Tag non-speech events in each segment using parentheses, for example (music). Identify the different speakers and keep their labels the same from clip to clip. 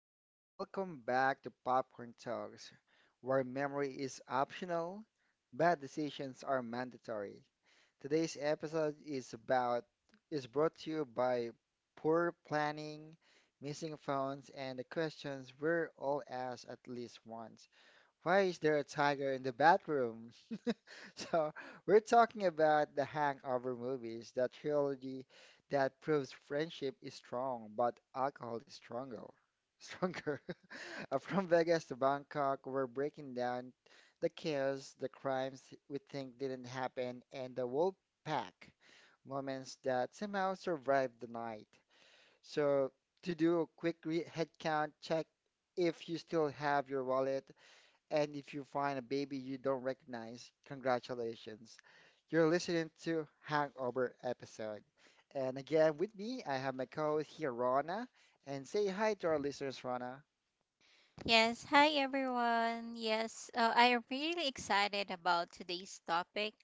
Speaker 1: gentlemen, welcome back to Popcorn Talks, where memory is optional, bad decisions are mandatory. Today's episode is about is brought to you by poor planning, missing phones, and the questions we're all asked at least once. Why is there a tiger in the bathroom? (laughs) So, we're talking about the Hangover movies, the trilogy that proves friendship is strong, but alcohol is stronger. Stronger. (laughs) From Vegas to Bangkok, we're breaking down the chaos, the crimes we think didn't happen, and the wolf pack moments that somehow survived the night. So, to do a quick re head count check if you still have your wallet, and if you find a baby you don't recognize, congratulations. You're listening to Hangover episode. And again, with me, I have my co-host here, Rana. And say hi to our listeners, Rana.
Speaker 2: Yes, hi everyone. Yes, I am really excited about today's topic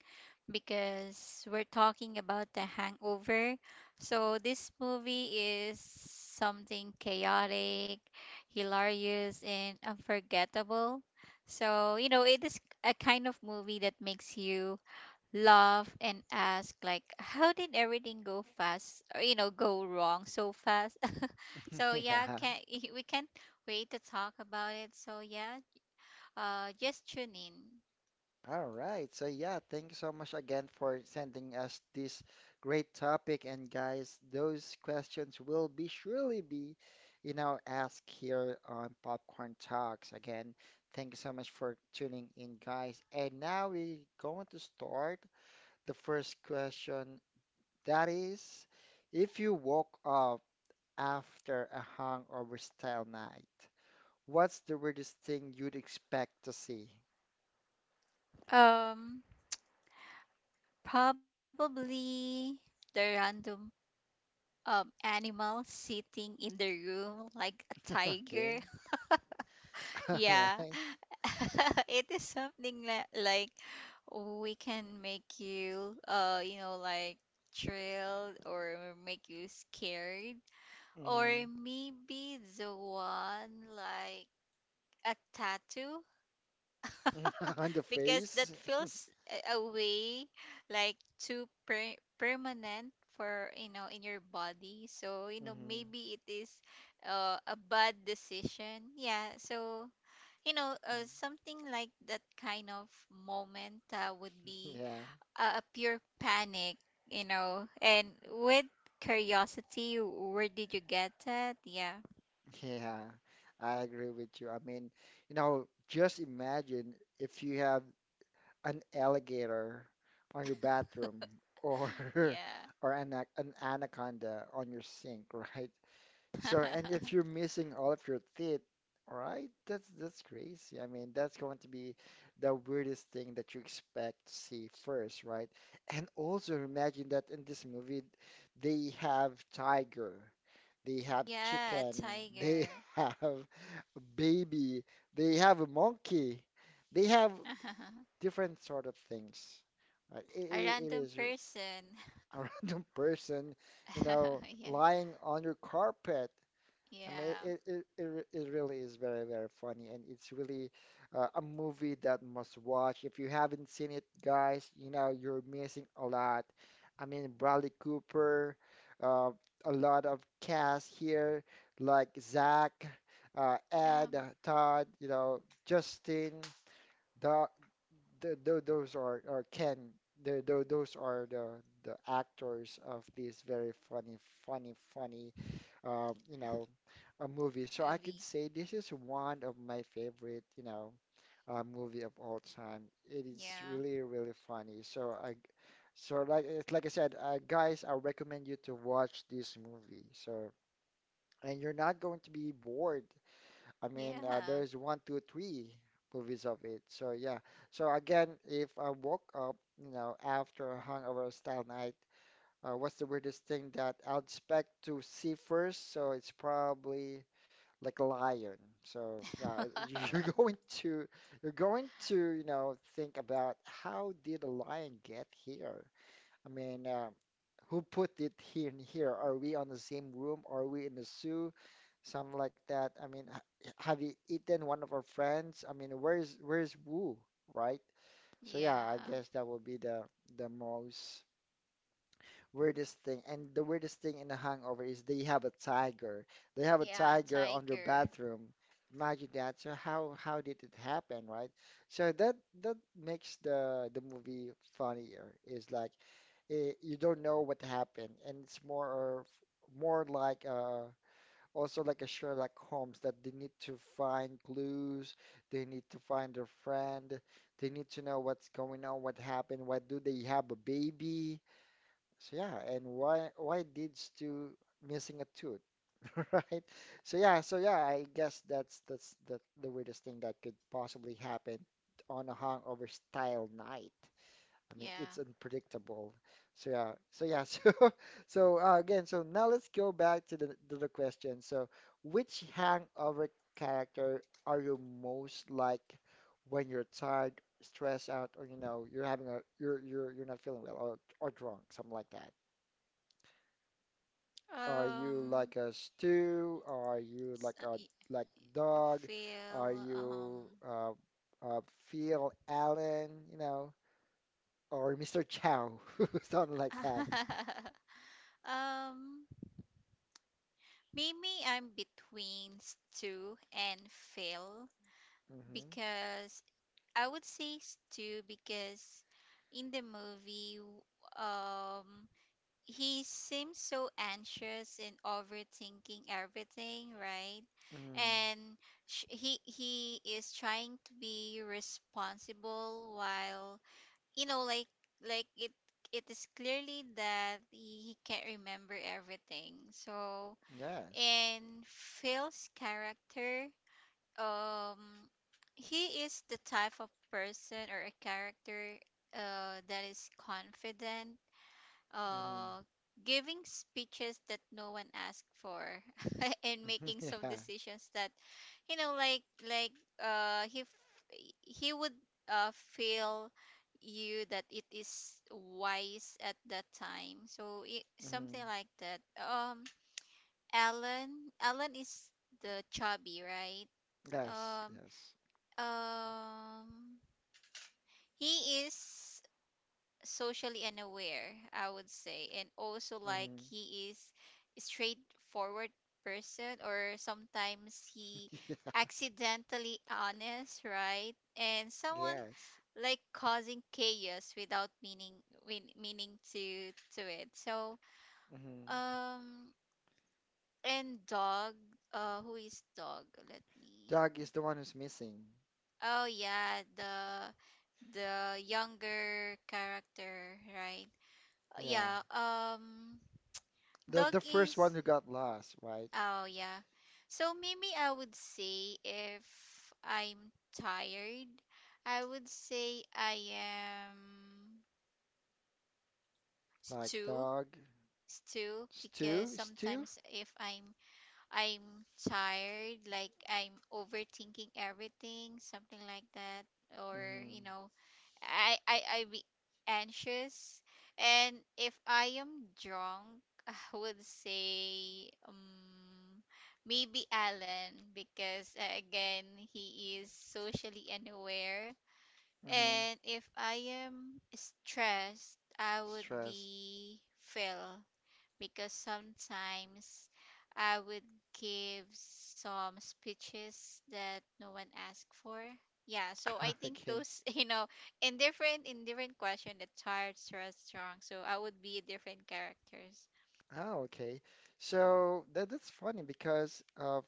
Speaker 2: because we're talking about The Hangover. So, this movie is something chaotic, hilarious, and unforgettable. So, it is a kind of movie that makes you laugh and ask like how did everything go fast, or go wrong so fast. (laughs)
Speaker 1: (laughs)
Speaker 2: So yeah,
Speaker 1: Yeah.
Speaker 2: can (laughs) we can't wait to talk about it, so yeah, just tune in.
Speaker 1: All right. So yeah, thank you so much again for sending us this great topic. And guys, those questions will be surely be, asked here on Popcorn Talks. Again, thank you so much for tuning in, guys. And now we're going to start the first question. That is, if you woke up after a hangover style night, what's the weirdest thing you'd expect to see?
Speaker 2: Um, probably the random animal sitting in the room, like a
Speaker 1: (laughs)
Speaker 2: tiger.
Speaker 1: Okay. (laughs) All
Speaker 2: Yeah.
Speaker 1: right.
Speaker 2: (laughs) It is something like we can make you you know like thrilled, or make you scared, or
Speaker 1: hmm
Speaker 2: maybe the one like a tattoo,
Speaker 1: (laughs) On the
Speaker 2: because that
Speaker 1: face.
Speaker 2: feels a way, like too permanent for in your body. So
Speaker 1: hmm
Speaker 2: maybe it is a bad decision, yeah. So something like that kind of moment would
Speaker 1: (laughs)
Speaker 2: be
Speaker 1: Yeah.
Speaker 2: a pure panic, and with curiosity, where did you get that? Yeah.
Speaker 1: Yeah. I agree with you. I mean, you know, just imagine if you have an alligator on your bathroom or
Speaker 2: Yeah.
Speaker 1: (laughs) or an anaconda on your sink, (laughs) right? So, and if
Speaker 2: (laughs)
Speaker 1: you're missing all of your teeth, right? That's crazy. I mean, that's going to be the weirdest thing that you expect to see first, right? And also imagine that in this movie, they have tiger, they have
Speaker 2: Yeah, a
Speaker 1: chicken, they
Speaker 2: tiger.
Speaker 1: (laughs) have a baby, they have a monkey, they have
Speaker 2: (laughs)
Speaker 1: different sort of things. Right? It,
Speaker 2: A
Speaker 1: it, it
Speaker 2: random
Speaker 1: is a
Speaker 2: person.
Speaker 1: (laughs) random person, you
Speaker 2: (laughs)
Speaker 1: know,
Speaker 2: Yeah.
Speaker 1: lying on your carpet. I mean,
Speaker 2: Yeah.
Speaker 1: it it really is very, very funny, and it's really a movie that must watch. If you haven't seen it, guys, you know, you're missing a lot. I mean, Bradley Cooper, uh, a lot of cast here, like Zach,
Speaker 2: Yeah,
Speaker 1: Ed, Todd, you know, Justin, the, the, tho- those are, or Ken, those are the actors of this very funny, funny you know, a movie. So I could
Speaker 2: movie.
Speaker 1: say this is one of my favorite, movie of all time. It is
Speaker 2: Yeah.
Speaker 1: really, really funny. So I, so like it's like I said, Guys, I recommend you to watch this movie. So and you're not going to be bored. I mean,
Speaker 2: Yeah.
Speaker 1: there's one, two, three movies of it. So yeah. So again, if I woke up, you know, after a hungover style night, what's the weirdest thing that I'd expect to see first? So it's probably like a lion. So yeah, (laughs) you're
Speaker 2: (laughs)
Speaker 1: going to you're going to you know think about how did a lion get here? I mean, who put it here and here? Are we on the same room? Are we in the zoo? Something like that. I mean, have you eaten one of our friends? I mean, where's Wu, right? So yeah, I
Speaker 2: Yeah.
Speaker 1: guess that will be the most weirdest thing. And the weirdest thing in the hangover is they have a tiger. They have a
Speaker 2: Yeah,
Speaker 1: tiger on their
Speaker 2: tiger.
Speaker 1: bathroom. Imagine that. So how did it happen, right? So that makes the movie funnier. Is like you don't know what happened, and it's more or more like also like a Sherlock Holmes that they need to find clues, they need to find their friend, they need to know what's going on, what happened, why do they have a baby? So yeah, and why did Stu missing a tooth, (laughs) right? I guess that's the weirdest thing that could possibly happen on a hangover style night.
Speaker 2: Yeah.
Speaker 1: I mean, it's unpredictable. (laughs) So so again, so Now let's go back to the question. So which hangover character are you most like when you're tired, stressed out, or you know, you're having a you're not feeling well or drunk, something like that. Are you
Speaker 2: um
Speaker 1: like a stew? Are
Speaker 2: S-
Speaker 1: you
Speaker 2: uh,
Speaker 1: like
Speaker 2: y-
Speaker 1: a like
Speaker 2: I
Speaker 1: dog?
Speaker 2: feel.
Speaker 1: Are
Speaker 2: um
Speaker 1: you uh, Phil Allen? You know, or Mr. Chow, (laughs) something like that.
Speaker 2: (laughs) um maybe I'm between Stew and Phil,
Speaker 1: Mm-hmm.
Speaker 2: because I would say Stew because in the movie um he seems so anxious and overthinking everything, right?
Speaker 1: hmm
Speaker 2: And he is trying to be responsible, while you know like like it it is clearly that he can't remember everything. So
Speaker 1: Yes.
Speaker 2: in Phil's character, um he is the type of person or a character that is confident,
Speaker 1: hmm
Speaker 2: uh giving speeches that no one asked for, (laughs) and
Speaker 1: (laughs)
Speaker 2: making some
Speaker 1: Yeah.
Speaker 2: decisions that you know like like he he would feel you that it is wise at that time. So, something
Speaker 1: hmm
Speaker 2: like that. Um, Alan, Alan is the chubby, right?
Speaker 1: Yes.
Speaker 2: um
Speaker 1: Yes.
Speaker 2: um he is socially unaware, I would say, and also like
Speaker 1: hmm
Speaker 2: he is a straightforward person, or sometimes he
Speaker 1: (laughs) Yeah.
Speaker 2: accidentally honest, right? And someone
Speaker 1: Yes.
Speaker 2: like causing chaos without meaning, meaning to it. So,
Speaker 1: hmm
Speaker 2: um and Dog, who is Dog? Let me.
Speaker 1: Doug is the one who's missing.
Speaker 2: Oh yeah, the younger character, right?
Speaker 1: Yeah.
Speaker 2: Yeah.
Speaker 1: The
Speaker 2: Dog
Speaker 1: first one
Speaker 2: is.
Speaker 1: who got lost, right?
Speaker 2: Oh yeah. So maybe I would say, if I'm tired, I would say I am
Speaker 1: Like
Speaker 2: Stew.
Speaker 1: Doug,
Speaker 2: Stew, because
Speaker 1: stew, Stu.
Speaker 2: sometimes if I'm tired, like I'm overthinking everything, something like that, or
Speaker 1: hmm
Speaker 2: you know, I be anxious. And if I am drunk, (laughs) I would say maybe Alan, because again he is socially unaware.
Speaker 1: Mm-hmm.
Speaker 2: And if I am stressed, I would
Speaker 1: Stress.
Speaker 2: be Phil, because sometimes I would give some speeches that no one asked for. Yeah, so I
Speaker 1: (laughs)
Speaker 2: think
Speaker 1: Okay.
Speaker 2: those, (laughs) in different question, the tired, stressed, strong. So I would be different characters.
Speaker 1: Oh, okay. So that's funny because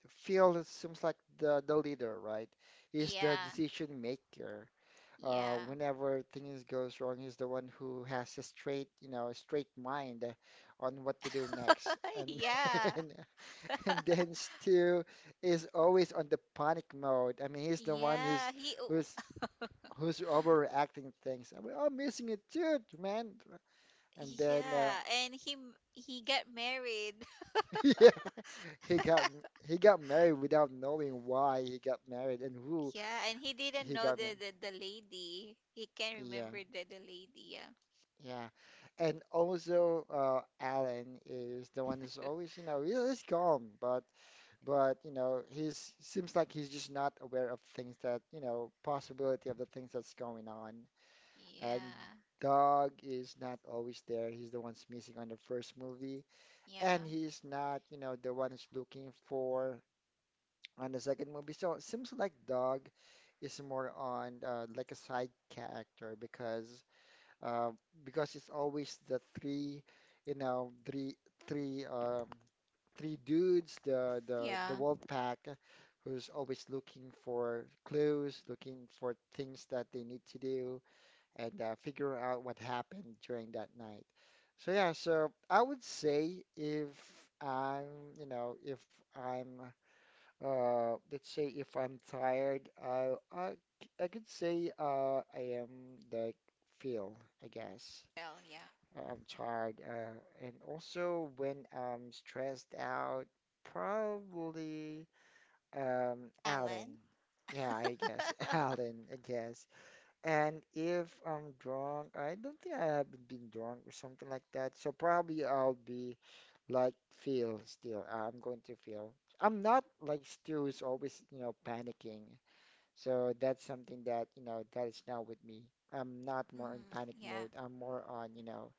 Speaker 1: Phil seems like the leader, right? He's the
Speaker 2: Yeah,
Speaker 1: decision maker.
Speaker 2: yeah,
Speaker 1: Whenever things goes wrong, he's the one who has a straight, you know, a straight mind on what to do next.
Speaker 2: (laughs)
Speaker 1: And (laughs)
Speaker 2: yeah,
Speaker 1: and, and then Stu is always on the panic mode. I mean, he's the one
Speaker 2: yeah. He, oh,
Speaker 1: who's who's overreacting things. I mean, I'm missing it too, man. And then,
Speaker 2: yeah, and he got married. (laughs)
Speaker 1: (laughs) yeah, he got he got married without knowing why he got married and who
Speaker 2: Yeah, and he didn't
Speaker 1: he
Speaker 2: know
Speaker 1: got
Speaker 2: the
Speaker 1: married.
Speaker 2: the lady. He can not
Speaker 1: Yeah,
Speaker 2: remember the lady. Yeah,
Speaker 1: yeah. And also, Alan is the one who's always, you know, he's calm, but you know, he's seems like he's just not aware of things that, you know, possibility of the things that's going on. And
Speaker 2: yeah.
Speaker 1: Doug is not always there. He's the one's missing on the first movie, and
Speaker 2: Yeah.
Speaker 1: he's not, you know, the one who's looking for on the second movie. So it seems like Dog is more on like a side character uh, because it's always the three, you know, three um, three dudes, the
Speaker 2: Yeah.
Speaker 1: wolf pack, who's always looking for clues, looking for things that they need to do, and figure out what happened during that night. So yeah, so I would say if I'm, you know, if I'm let's say if I'm tired, I could say I am like feel, I guess.
Speaker 2: Well, yeah.
Speaker 1: I'm tired, and also when I'm stressed out, probably Alan.
Speaker 2: Alan?
Speaker 1: Yeah, I guess (laughs)
Speaker 2: (laughs)
Speaker 1: Alan, I guess. And if I'm drunk, I don't think I haven't been drunk or something like that. So probably I'll be like feel still. I'm going to feel. I'm not like Stu is always, you know, panicking. So that's something that, you know, that is not with me. I'm not more in
Speaker 2: Hmm.
Speaker 1: panic
Speaker 2: Yeah,
Speaker 1: mode. I'm more on, you know,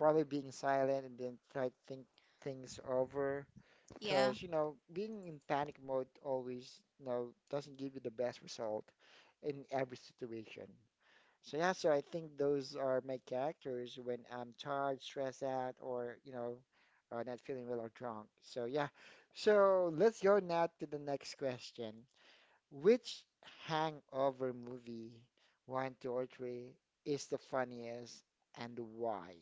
Speaker 1: probably being silent and then try to think things over.
Speaker 2: yeah.
Speaker 1: Because, you know, being in panic mode always, you know, doesn't give you the best result in every situation. So yeah, so I think those are my characters when I'm tired, stressed out, or you know, not feeling well or drunk. So yeah, so let's go now to the next question. Which hangover movie, one, two, or three, is the funniest and why?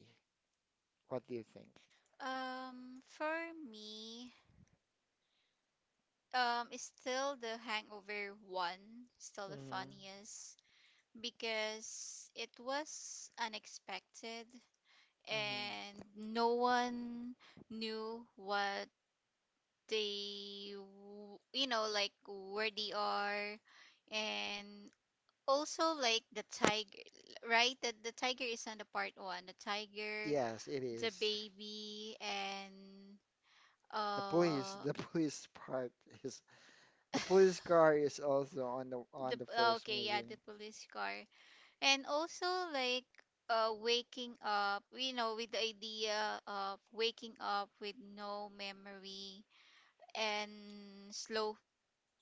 Speaker 1: What do you think?
Speaker 2: For me, it's still the Hangover one, still the
Speaker 1: hmm
Speaker 2: funniest, because it was unexpected
Speaker 1: hmm
Speaker 2: and no one knew what they, like where they are. And also like the tiger, right? That the tiger is on the part one, the tiger,
Speaker 1: Yes, it
Speaker 2: the
Speaker 1: is.
Speaker 2: baby, and
Speaker 1: The police,
Speaker 2: uh
Speaker 1: the (laughs) police part is the police car is also on the
Speaker 2: the,
Speaker 1: on the
Speaker 2: oh,
Speaker 1: first
Speaker 2: okay, yeah,
Speaker 1: movie.
Speaker 2: the police car. And also like waking up, with the idea of waking up with no memory, and slow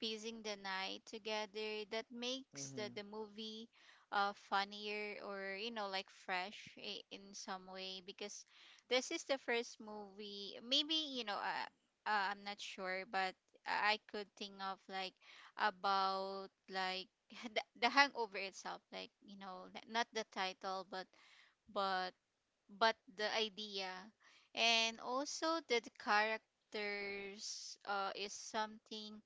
Speaker 2: piecing the night together, that makes
Speaker 1: hmm
Speaker 2: the movie funnier, or like fresh in some way, because this is the first movie. Maybe I'm not sure, but I could think of like about like (laughs) the hangover itself, like not the title, but but but the idea. And also that the characters is something,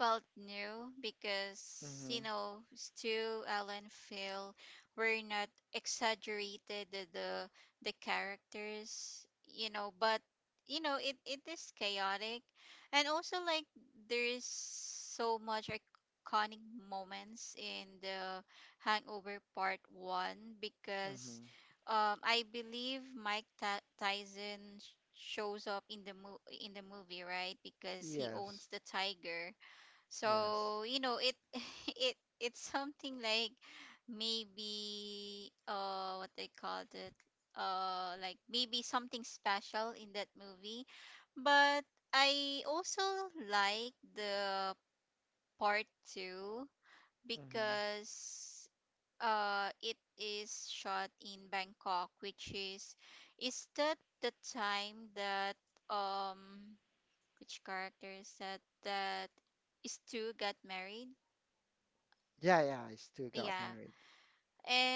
Speaker 2: felt new, because you
Speaker 1: hmm
Speaker 2: know Stu, Alan, Phil were not exaggerated the characters, you know, but you know it, it is chaotic. And also like there is so much iconic moments in the Hangover part one, because
Speaker 1: hmm
Speaker 2: I believe Mike Tyson shows up in in the movie, right? Because he
Speaker 1: Yes,
Speaker 2: owns the tiger.
Speaker 1: yes.
Speaker 2: So, you know, it (laughs) it it's something like, maybe what they called it, like maybe something special in that movie. But I also like the part 2,
Speaker 1: hmm
Speaker 2: because it is shot in Bangkok, which is that the time that um which character is that, that Stu got married?
Speaker 1: Yeah, yeah, I still got
Speaker 2: Yeah.
Speaker 1: married.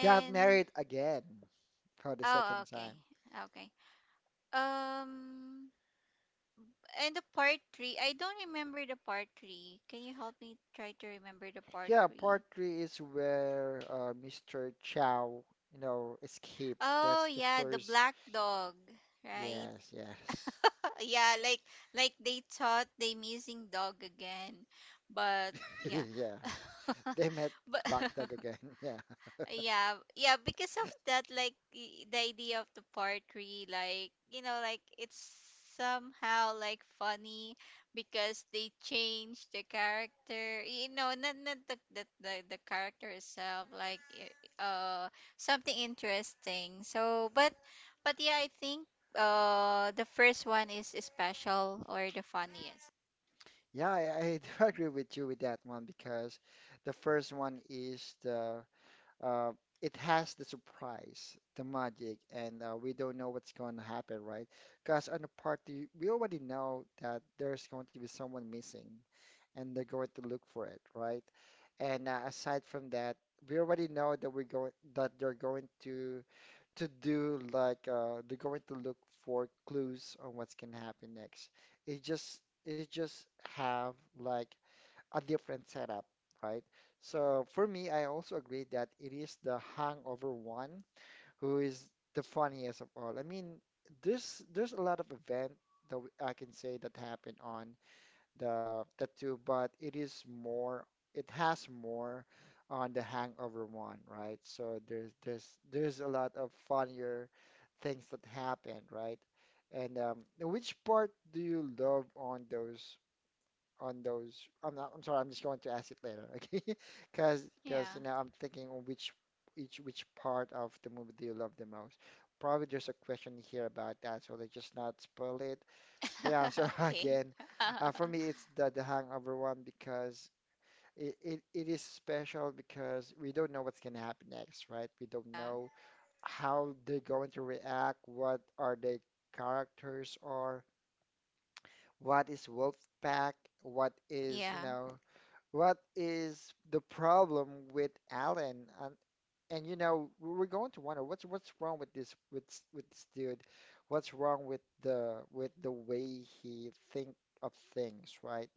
Speaker 1: Got married again for the second
Speaker 2: oh, okay.
Speaker 1: time.
Speaker 2: Okay. Um and the part 3, I don't remember the part 3. Can you help me try to remember the part
Speaker 1: Yeah,
Speaker 2: 3?
Speaker 1: part three is where Mr. Chow, you know, escaped.
Speaker 2: Oh
Speaker 1: That's the
Speaker 2: yeah, the
Speaker 1: first.
Speaker 2: black dog, right?
Speaker 1: Yes, yes.
Speaker 2: (laughs) Yeah, like they thought they missing dog again. But yeah.
Speaker 1: (laughs) Yeah, they met
Speaker 2: (laughs) But
Speaker 1: Black Dog
Speaker 2: (laughs)
Speaker 1: again. (laughs) Yeah,
Speaker 2: yeah, yeah, because of that, the idea of the part three, like you know, like it's somehow like funny, because they changed the character. You know, not the character itself, something interesting. So, but yeah, I think the first one is special, or the funniest.
Speaker 1: yeah, I do (laughs) agree with you with that one because the first one is the uh, it has the surprise, the magic, and we don't know what's going to happen, right? Because on the party, we already know that there's going to be someone missing, and they're going to look for it, right? And aside from that, we already know that we're going that they're going to do like they're going to look for clues on what's going to happen next. It just it just Have like a different setup, right? So for me, I also agree that it is the Hangover one who is the funniest of all. I mean, there's a lot of event that I can say that happened on the two, but it is more it has more on the Hangover one, right? So there's a lot of funnier things that happened, right? And which part do you love on those on those. I'm not, I'm sorry, I'm just going to ask it later, okay? (laughs) Because
Speaker 2: Yeah.
Speaker 1: you know, I'm thinking on which each which part of the movie do you love the most? Probably there's a question here about that, so let's just not spoil it. So yeah,
Speaker 2: (laughs)
Speaker 1: (laughs)
Speaker 2: Okay.
Speaker 1: again,
Speaker 2: (laughs) Yeah.
Speaker 1: for me it's the Hangover one because it is special because we don't know what's gonna happen next, right? We don't know how they're going to react, what are their characters are, what is Wolfpack, what is, you
Speaker 2: Yeah.
Speaker 1: know, what is the problem with Alan? And are going to wonder what's wrong with this dude? What's wrong with the way he think of things, right?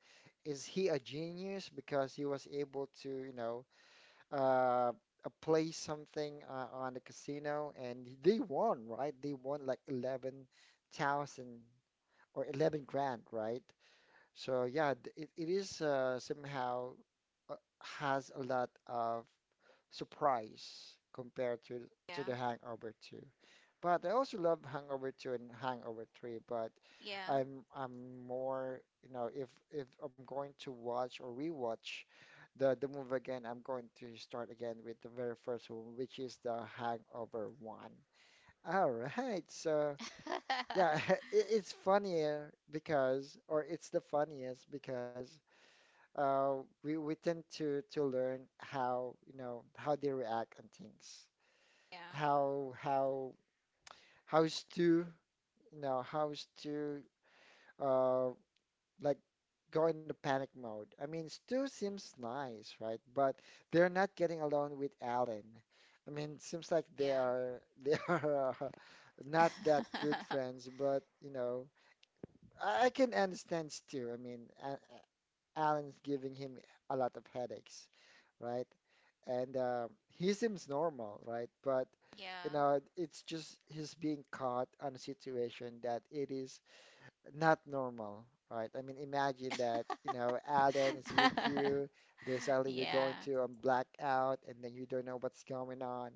Speaker 1: Is he a genius because he was able to, uh, play something on the casino and they won, right? They won like 11,000 or 11 grand, right? So yeah, it is somehow uh, has a lot of surprise compared to the
Speaker 2: Yeah.
Speaker 1: Hangover 2. But I also love Hangover 2 and Hangover 3, but
Speaker 2: Yeah.
Speaker 1: I'm more, if I'm going to watch or rewatch the movie again, I'm going to start again with the very first one, which is the Hangover 1. All right, so yeah, (laughs) it,
Speaker 2: (laughs)
Speaker 1: it's funnier because, or it's the funniest because uh, we tend to learn how how they react on things,
Speaker 2: Yeah,
Speaker 1: how how how's to you know how's to uh like go into panic mode. I mean, Stu seems nice, right? But they're not getting along with Alan. I mean, seems like they
Speaker 2: yeah.
Speaker 1: are they (laughs) are not that good
Speaker 2: (laughs)
Speaker 1: friends. But I can understand Stu. I mean, A- Alan's giving him a lot of headaches, right? And he seems normal, right? But you
Speaker 2: Yeah.
Speaker 1: know, it's just he's being caught on a situation that it is not normal, right? I mean, imagine that,
Speaker 2: (laughs)
Speaker 1: Alan is with you, then suddenly you're
Speaker 2: Yeah.
Speaker 1: going to a blackout, and then you don't know what's going on,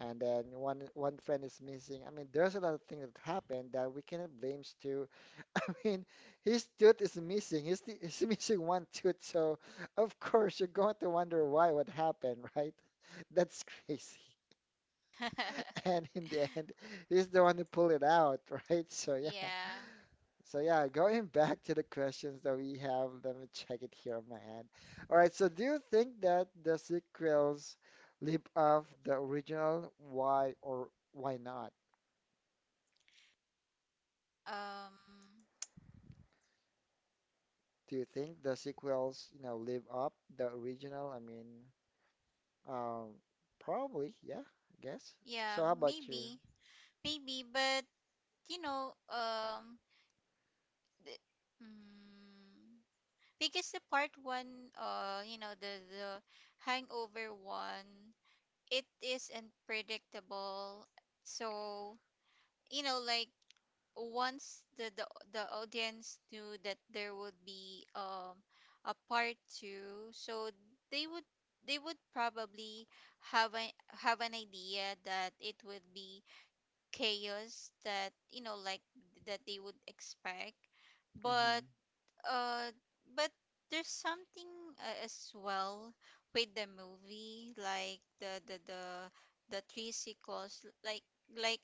Speaker 1: and then one friend is missing. I mean, there's a lot of things that happen that we cannot blame to (laughs) I mean, his tooth is missing. He's missing one tooth, so of course you're going to wonder why what happened, right? (laughs) That's crazy. And
Speaker 2: (laughs)
Speaker 1: in the end, he's the one who pulled it out, (laughs) right? So yeah.
Speaker 2: Yeah.
Speaker 1: So yeah, going back to the questions that we have, let me check it here on my end. All right, so do you think that the sequels live off the original? Why or why not?
Speaker 2: Um,
Speaker 1: Do you think the sequels, live up the original? I mean, Um, probably, yeah, I guess.
Speaker 2: yeah,
Speaker 1: So how about you?
Speaker 2: maybe. Maybe, but you know, um the, mm, because the part 1, you know, the Hangover 1, it is unpredictable. So, you know, like once the audience knew that there would be a part two, so they would they would probably have a have an idea that it would be chaos, that you know like that they would expect.
Speaker 1: Mm-hmm.
Speaker 2: But uh but there's something as well with the movie, like the three sequels, like like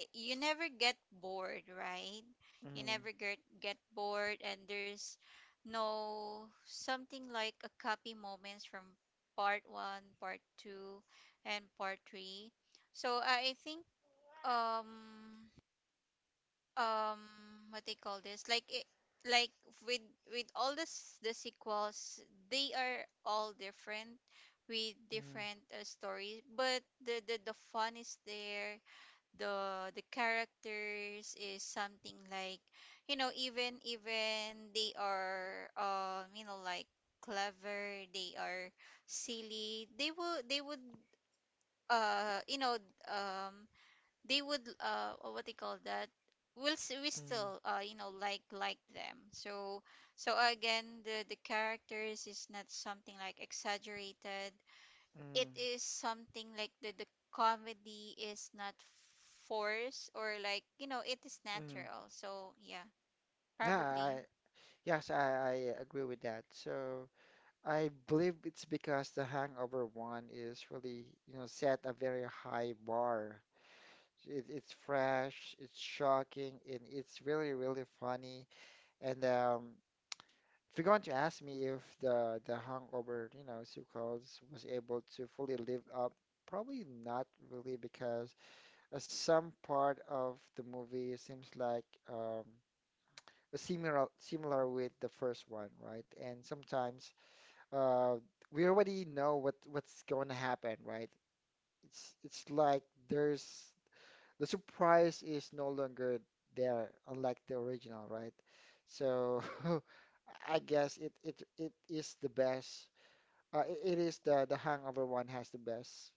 Speaker 2: you never get bored, right? You
Speaker 1: Mm-hmm.
Speaker 2: never get bored, and there's no something like a copy moments from part one, part two, and part three. So I think um um what they call this, like it, like with all this the sequels, they are all different, with different stories, but the fun is there, the characters is something like, you know, even they are clever, they are silly, they will they would uh you know um they would oh, what they call that? We'll we still
Speaker 1: Mm-hmm.
Speaker 2: like them. So, so again, the characters is not something like exaggerated, it
Speaker 1: Mm-hmm.
Speaker 2: is something like the comedy is not forced, or it is
Speaker 1: Mm-hmm.
Speaker 2: natural. So yeah,
Speaker 1: Yeah,
Speaker 2: probably.
Speaker 1: yes, I agree with that. So I believe it's because the Hangover one is really, set a very high bar. It's fresh, it's shocking, and it's really, really funny. And If you're going to ask me if the Hangover, sequel was able to fully live up. Probably not really because some part of the movie seems like um, similar with the first one, right? And sometimes uh, we already know what's going to happen, right? It's like there's the surprise is no longer there, unlike the original, right? So (laughs) I guess it is the best. It is the Hangover one has the best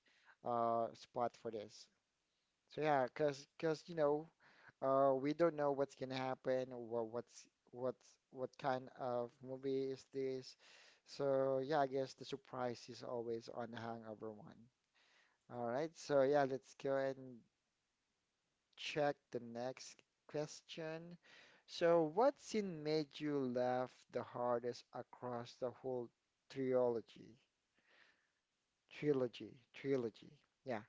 Speaker 1: spot for this. So yeah, cause we don't know what's gonna happen or what kind of movie is this. So yeah, I guess the surprise is always on the Hangover one. All right, so yeah, let's go ahead and check the next question. So, what scene made you laugh the hardest across the whole trilogy? Trilogy, trilogy. Yeah.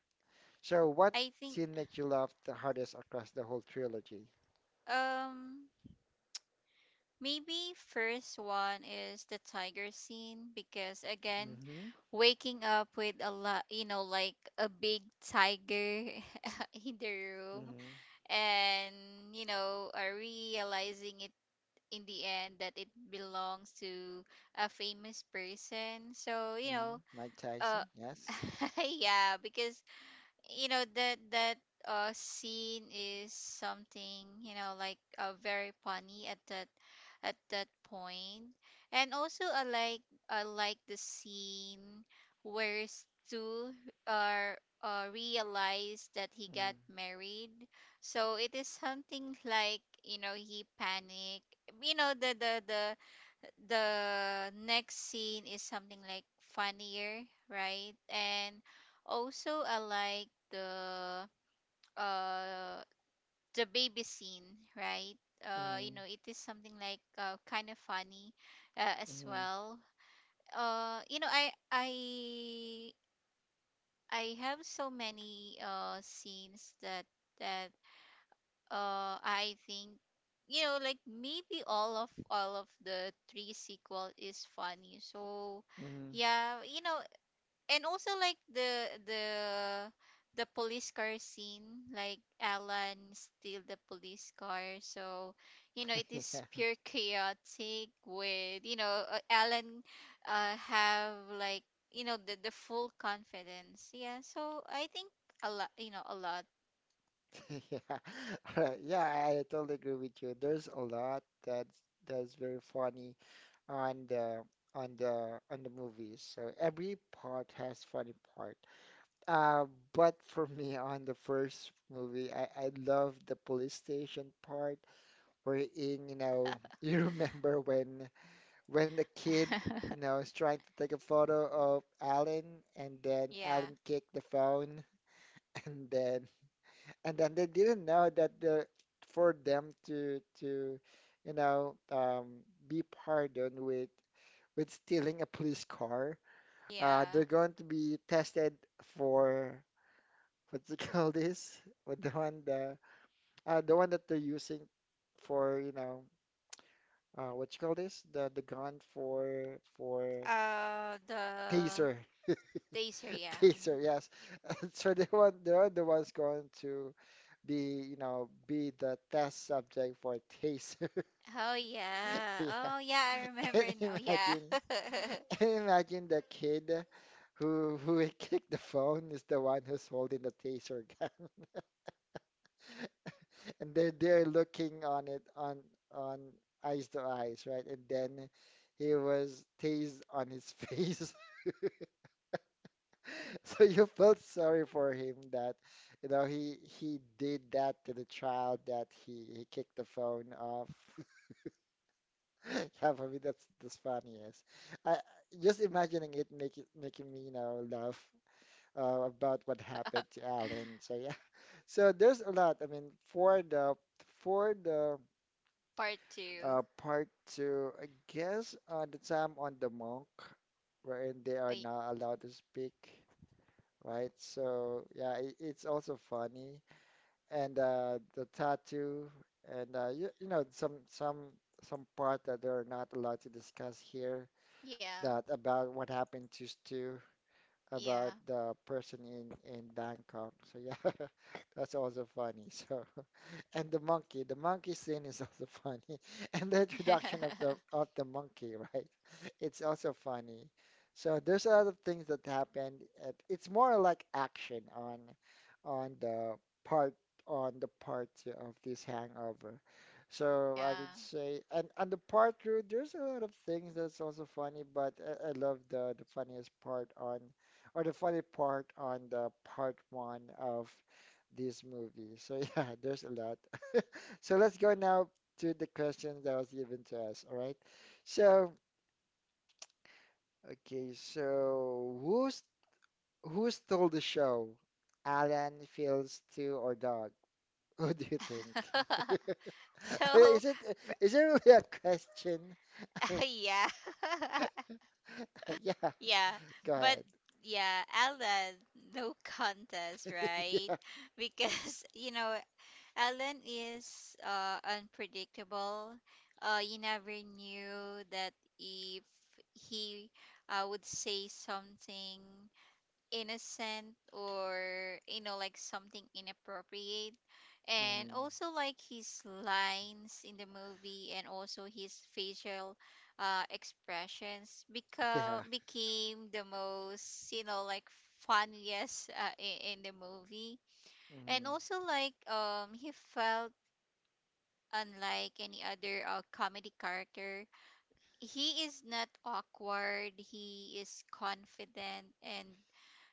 Speaker 1: So, what
Speaker 2: I think
Speaker 1: scene makes you laugh the hardest across the whole trilogy?
Speaker 2: um maybe first one is the tiger scene, because again,
Speaker 1: Mm-hmm.
Speaker 2: waking up with a lot, you know, like a big tiger (laughs) in the room,
Speaker 1: Mm-hmm.
Speaker 2: and you know realizing it in the end, that it belongs to a famous person. So you know
Speaker 1: Mm-hmm. Mike
Speaker 2: uh
Speaker 1: Tyson. Yes.
Speaker 2: (laughs) yeah, because you know that that scene is something, you know, like very funny at that, point. And also I like the scene where Stu are realized that he got
Speaker 1: Mm,
Speaker 2: married. So it is something like, you know, he panicked. You know, the next scene is something like funnier, right? And also I like uh the baby scene, right? You
Speaker 1: mm,
Speaker 2: know, it is something like kind of funny as
Speaker 1: mm,
Speaker 2: well. You know, I have so many scenes that that I think, you know, like maybe all of the three sequel is funny. So
Speaker 1: mm.
Speaker 2: yeah, you know. And also like the police car scene, like Alan steal the police car. So you know, it
Speaker 1: (laughs)
Speaker 2: is
Speaker 1: Yeah.
Speaker 2: pure
Speaker 1: (laughs)
Speaker 2: (laughs) chaotic, with you know Alan have like, you know, the full confidence. Yeah. So I think a lot, you know, a lot.
Speaker 1: Yeah. All right. Yeah, I totally agree with you. There's a lot that's very funny. on the on the movies. So every part has funny part. Uh, but for me, (laughs) on the first movie, I love the police station part wherein, (laughs) you remember when the kid,
Speaker 2: (laughs)
Speaker 1: is trying to take a photo of Alan and then
Speaker 2: Yeah.
Speaker 1: Alan kicked the phone (laughs) and then and then they didn't know that the for them to you know um, be pardoned with stealing a police car.
Speaker 2: Yeah.
Speaker 1: They're going to be tested for what you call (laughs) this? With the one the one that they're using for what you call this? The gun for
Speaker 2: The
Speaker 1: taser,
Speaker 2: taser,
Speaker 1: (laughs)
Speaker 2: yeah. Mm.
Speaker 1: taser, yes. (laughs) So they're the ones going to be you know be the test subject for taser. (laughs)
Speaker 2: Oh yeah.
Speaker 1: Yeah,
Speaker 2: Oh yeah, I remember
Speaker 1: (laughs)
Speaker 2: now. Yeah.
Speaker 1: imagine.
Speaker 2: (laughs)
Speaker 1: (laughs) Imagine the kid who kicked (laughs) the phone is the one who's holding the taser gun, (laughs) and they're looking on it on eyes to eyes, right? And then he was tased on his face, (laughs) so you felt sorry for him that he did that to the child that he kicked the phone off. (laughs) Yeah, for me that's the funniest. I just imagining it making me laugh. About what happened to Alan. So yeah, (laughs) there's a lot. I mean, for the
Speaker 2: Part two.
Speaker 1: part two, I guess the time on the monk, wherein they
Speaker 2: I,
Speaker 1: are not allowed to speak, right? So yeah, it's also funny, and the tattoo, and you know some part that they're not allowed to discuss here.
Speaker 2: yeah.
Speaker 1: That about what happened to Stu,
Speaker 2: Yeah.
Speaker 1: about the person in Bangkok. So yeah, (laughs) that's also funny. So (laughs) and the monkey scene is also funny, (laughs) and the introduction of the
Speaker 2: (laughs)
Speaker 1: of the monkey, right? (laughs) It's also funny. So there's a lot of things that happened. At, it's more like action on the part on the part two of this hangover. So I would
Speaker 2: Yeah.
Speaker 1: say, and the part two, there's a lot of things that's also funny, but I love the funniest part on or the funny part on the part one of this movie. So yeah, (laughs) there's a lot. (laughs) So let's go now to the question that was given to us. All right. So okay, so who stole the show? Alan, Fields, Stu, or Dog? Who (laughs) do you think? (laughs) I
Speaker 2: (laughs)
Speaker 1: mean,
Speaker 2: So.
Speaker 1: is it really a question? (laughs) I mean,
Speaker 2: (laughs) Yeah. (laughs)
Speaker 1: (laughs) yeah.
Speaker 2: Yeah.
Speaker 1: Go ahead.
Speaker 2: But yeah, Ella, no contest,
Speaker 1: (laughs)
Speaker 2: right?
Speaker 1: Yeah.
Speaker 2: (laughs) Because you know, Alan is unpredictable. You never knew that if he would say something innocent, or, you know, like something inappropriate. And
Speaker 1: Mhm.
Speaker 2: also, like his lines in the movie, and also his facial expressions
Speaker 1: Yeah.
Speaker 2: become became the most, you know, like funniest in the movie. And
Speaker 1: Mhm.
Speaker 2: also like he felt unlike any other comedy character. He is not awkward, he is confident, and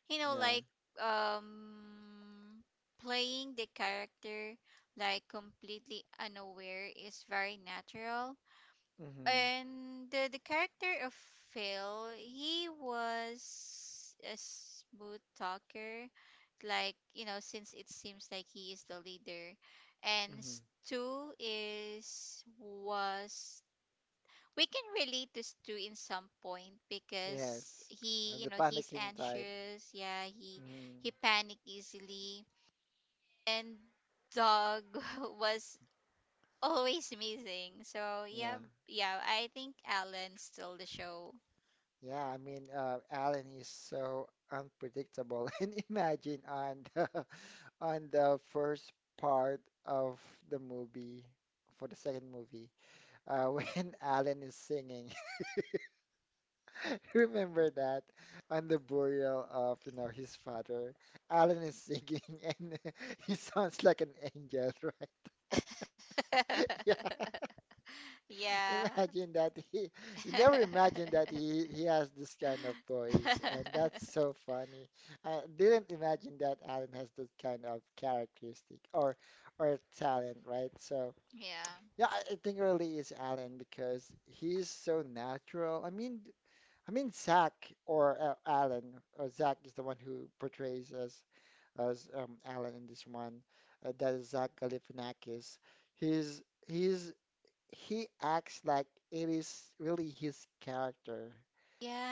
Speaker 2: you know
Speaker 1: Yeah.
Speaker 2: like um playing the character, like completely unaware, is very natural.
Speaker 1: Mhm.
Speaker 2: And the character of Phil, he was a smooth talker, like you know, since it seems like he is the leader. And
Speaker 1: Mhm.
Speaker 2: Stu is was, we can relate to Stu in some point, because
Speaker 1: Yes,
Speaker 2: he, you
Speaker 1: the
Speaker 2: know, he's
Speaker 1: panicking type.
Speaker 2: anxious. Yeah, he
Speaker 1: Mm,
Speaker 2: panicked easily. And Dog (laughs) was always missing. So yeah,
Speaker 1: yeah,
Speaker 2: yeah, I think Alan stole the show.
Speaker 1: yeah. I mean, Alan is so unpredictable. (laughs) And imagine on the (laughs) on the first part of the movie, for the second movie, (laughs) when Alan is singing. (laughs) Remember that on the burial of, his father. Alan is singing, (laughs) and (laughs) he sounds like an angel, right? (laughs) Yeah.
Speaker 2: (laughs)
Speaker 1: (laughs)
Speaker 2: yeah.
Speaker 1: Imagine that you never
Speaker 2: (laughs)
Speaker 1: imagine that he has this kind of voice, and that's so funny. I didn't imagine that Alan has this kind of characteristic or talent, right? So
Speaker 2: yeah.
Speaker 1: yeah, I think it really is Alan because he's so natural. I mean, Zach or Alan or Zach is the one who portrays as Alan in this one. That is Zach Galifianakis. He's he's he acts like it is really his character,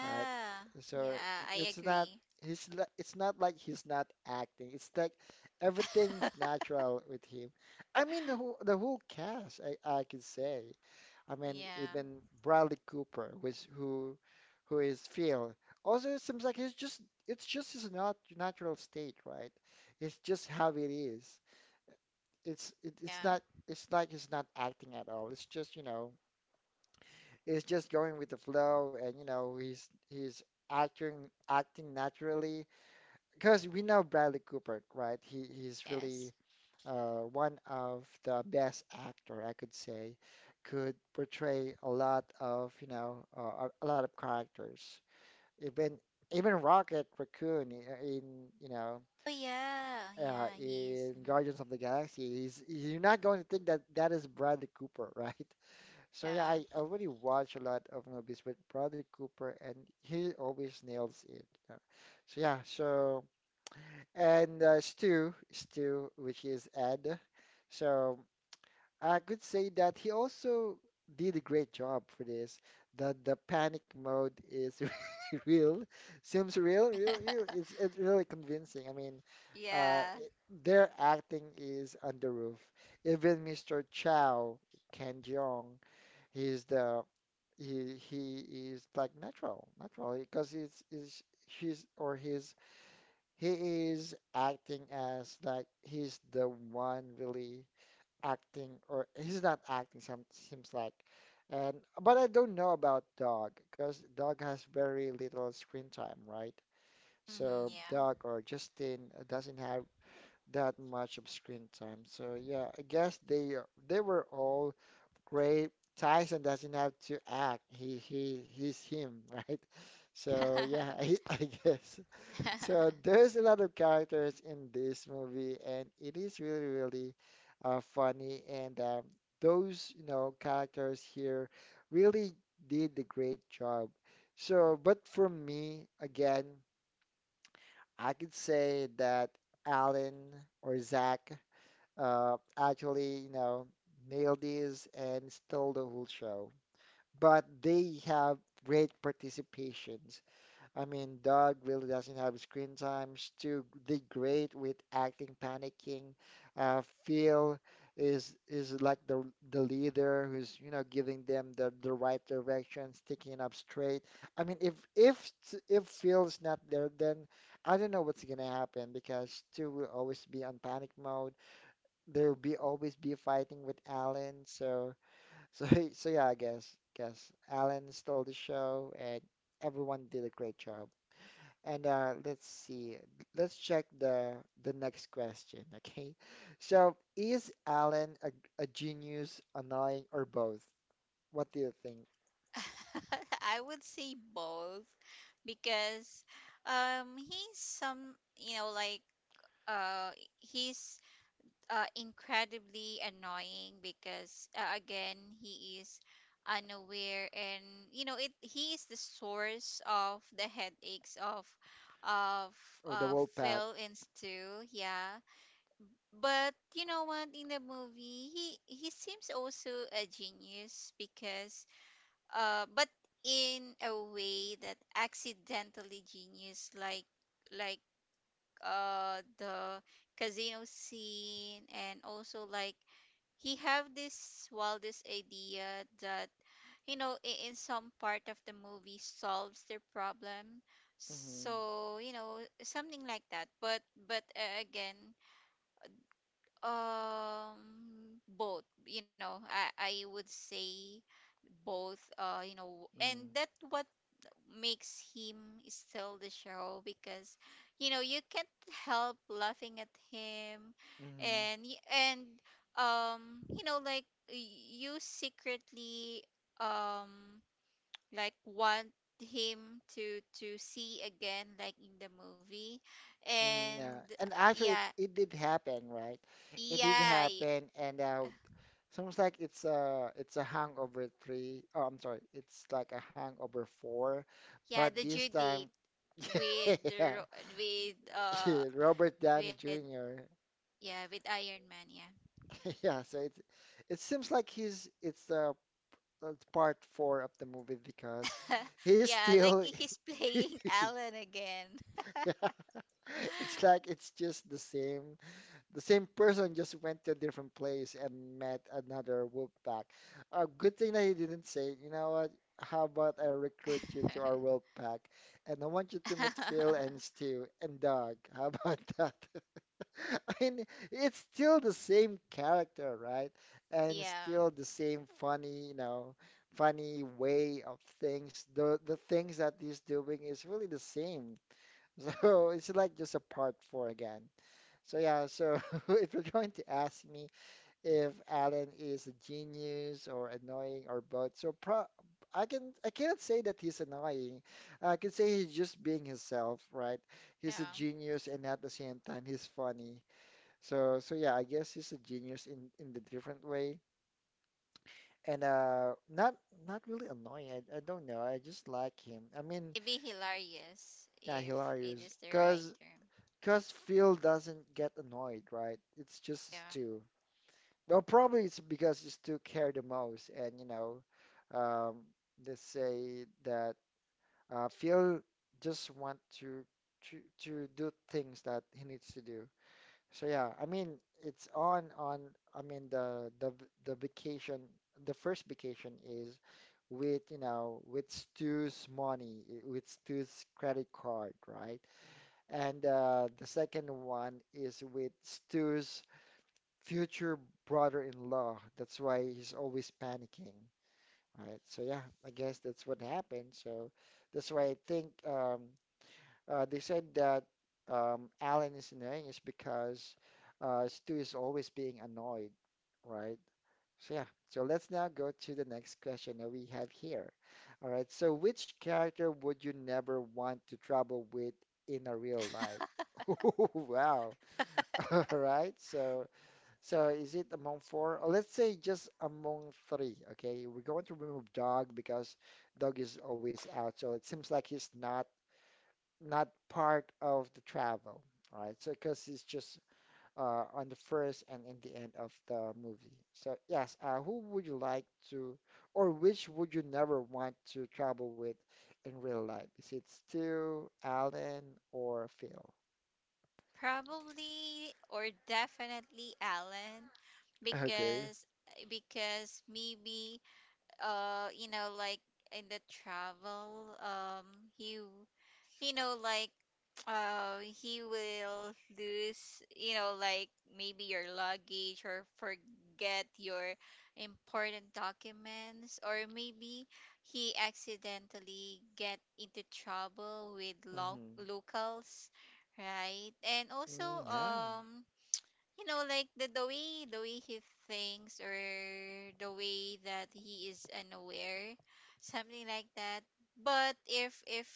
Speaker 1: right? So
Speaker 2: Yeah, I
Speaker 1: it's not
Speaker 2: agree.
Speaker 1: it's not like he's not acting. It's like everything's
Speaker 2: (laughs)
Speaker 1: natural with him. I mean the whole cast, I could say. I mean
Speaker 2: yeah.
Speaker 1: even Bradley Cooper, which who is Phil. Also, it seems like he's just it's just his not natural state, right? It's just how it is. It's not
Speaker 2: Yeah.
Speaker 1: it's like he's not acting at all. It's just, is just going with the flow and he's acting naturally because we know Bradley Cooper, right? He's really
Speaker 2: Yes.
Speaker 1: one of the best actor I could say could portray a lot of a lot of characters. Even even Rocket Raccoon I- in you know
Speaker 2: Oh yeah. Yeah, he
Speaker 1: in
Speaker 2: is. mhm.
Speaker 1: Guardians of the Galaxy, he's you're not going to think that that is Bradley Cooper, (laughs) right? So yeah, I
Speaker 2: Yeah.
Speaker 1: already watch a lot of movies with Bradley Cooper, and he always nails it. Yeah. So yeah, and Stu, which is Ed. So I could say that he also did a great job for this. The panic mode is (laughs) real, seems real, real, real.
Speaker 2: (laughs)
Speaker 1: It's really convincing. I mean, uh, it,
Speaker 2: yeah.
Speaker 1: their acting is on the roof. Even Mr. Chow, Ken Jeong. He's the he is like natural, natural because it's is she's or he's he is acting as like he's the one really acting or he's not acting some seems like and but I don't know about Dog because Dog has very little screen time, right? So Dog
Speaker 2: hmm
Speaker 1: or Justin doesn't have that much of screen time. So yeah, I guess they were all Gray. Tyson doesn't have to act. He's him, (laughs) right? So yeah, (laughs) I guess.
Speaker 2: yeah.
Speaker 1: So
Speaker 2: (laughs)
Speaker 1: there's a lot of characters in this movie, and it is really really funny. And those characters here really did a great job. So, but for me, again, I could say that Alan or Zach actually nailed this and stole the whole show, but they have great participations. I mean, Doug really doesn't have screen time. Stu did great with acting, panicking. Phil is like the leader who's, you know, giving them the right direction, sticking up straight. I mean, if Phil's not there, then I don't know what's gonna happen because Stu will always be on panic mode. There will be always be fighting with Alan, so. So (laughs) so yeah, I guess Alan stole the show and everyone did a great job. And let's see, let's check the next question, (laughs) okay? So is Alan a genius, annoying, or both? What do you think
Speaker 2: (laughs) I would say both because he's some you know like uh he's incredibly annoying because, again, he is unaware and you know it he is the source of the headaches of of
Speaker 1: of the Wolfpack?
Speaker 2: Phil and Stu, yeah, but you know what, in the movie he seems also a genius because, but in a way that accidentally genius, like like the casino scene, and also like he have this wildest idea that, you know, in some part of the movie, solves their problem.
Speaker 1: Mm-hmm,
Speaker 2: So you know something like that. But again, both, you know, I would say both, you know, and that what makes him steal the show because you know you can't help laughing at him.
Speaker 1: mm-hmm,
Speaker 2: And and you know like you secretly um like want him to see again, like in the movie.
Speaker 1: mm, yeah.
Speaker 2: And
Speaker 1: And actually, it,
Speaker 2: yeah.
Speaker 1: it did happen, right? It did
Speaker 2: Yeah.
Speaker 1: happen, and sounds like it's a hangover three. Oh, I'm sorry, it's like a hangover four,
Speaker 2: Yeah,
Speaker 1: but
Speaker 2: the
Speaker 1: this
Speaker 2: due date
Speaker 1: time, (laughs)
Speaker 2: with the
Speaker 1: yeah,
Speaker 2: ro-
Speaker 1: (laughs) Robert
Speaker 2: with
Speaker 1: Downey Jr.
Speaker 2: yeah, with Iron Man, yeah.
Speaker 1: (laughs) Yeah, so it's it seems like he's it's part four of the movie because
Speaker 2: (laughs)
Speaker 1: he's
Speaker 2: Yeah, like
Speaker 1: still
Speaker 2: he's (laughs) playing Alan again.
Speaker 1: (laughs) yeah, it's like
Speaker 2: (laughs)
Speaker 1: it's just the same. The same person just went to a different place and met another Wolfpack. A good thing that he didn't say, you know what? How about I recruit you to our Wolfpack? And I want you to meet Phil and Stu and Doug. (laughs) How about that? (laughs) I mean, it's still the same character, right? And
Speaker 2: Yeah,
Speaker 1: still the same funny, you know, funny way of things. The things that he's doing is really the same. (laughs) So it's like just a part four again. So yeah, so (laughs) if you're going to ask me if Alan is a genius or annoying or both, so pro I can I cannot say that he's annoying. I can say he's just being himself, right? He's a
Speaker 2: yeah.
Speaker 1: genius and at the same time he's funny. So yeah, I guess he's a genius in the different way. And not not really annoying. I don't know. I just like him. I mean,
Speaker 2: It'd be hilarious
Speaker 1: yeah,
Speaker 2: if
Speaker 1: hilarious.
Speaker 2: it is the
Speaker 1: Cause
Speaker 2: right term.
Speaker 1: cause Phil doesn't get annoyed, right? It's just
Speaker 2: Yeah.
Speaker 1: Stu. Well, probably it's because you still care the most, and you know, um, let's say that Phil just want to to to do things that he needs to do. So yeah, I mean, it's on on. I mean, the vacation, the first vacation is with with Stu's money, with Stu's credit card, right? And the second one is with Stu's future brother-in-law. That's why he's always panicking, right? So yeah, I guess that's what happened. So that's why I think they said that Alan is annoying is because Stu is always being annoyed, right? So yeah. So let's now go to the next question that we have here. All right. So which character would you never want to travel with in a real life? (laughs) Oh wow. (laughs) All right. So. So is it among four? Or let's say just among three. Okay, we're going to remove dog because dog is always out. So it seems like he's not not part of the travel, right? So because he's just on the first and in the end of the movie. So yes, who would you like to, or which would you never want to travel with in real life? Is it Stu, Alan, or Phil?
Speaker 2: (laughs) Probably or definitely Alan
Speaker 1: (laughs) Okay.
Speaker 2: because maybe, you know, like in the travel, he w- you know, like he will lose, you know, like maybe your luggage, or forget your important documents, or maybe he accidentally get into trouble with
Speaker 1: Mm-hmm.
Speaker 2: locals, right? And also
Speaker 1: Mm, yeah.
Speaker 2: um you know like the way he thinks, or the way that he is unaware, something like that. But if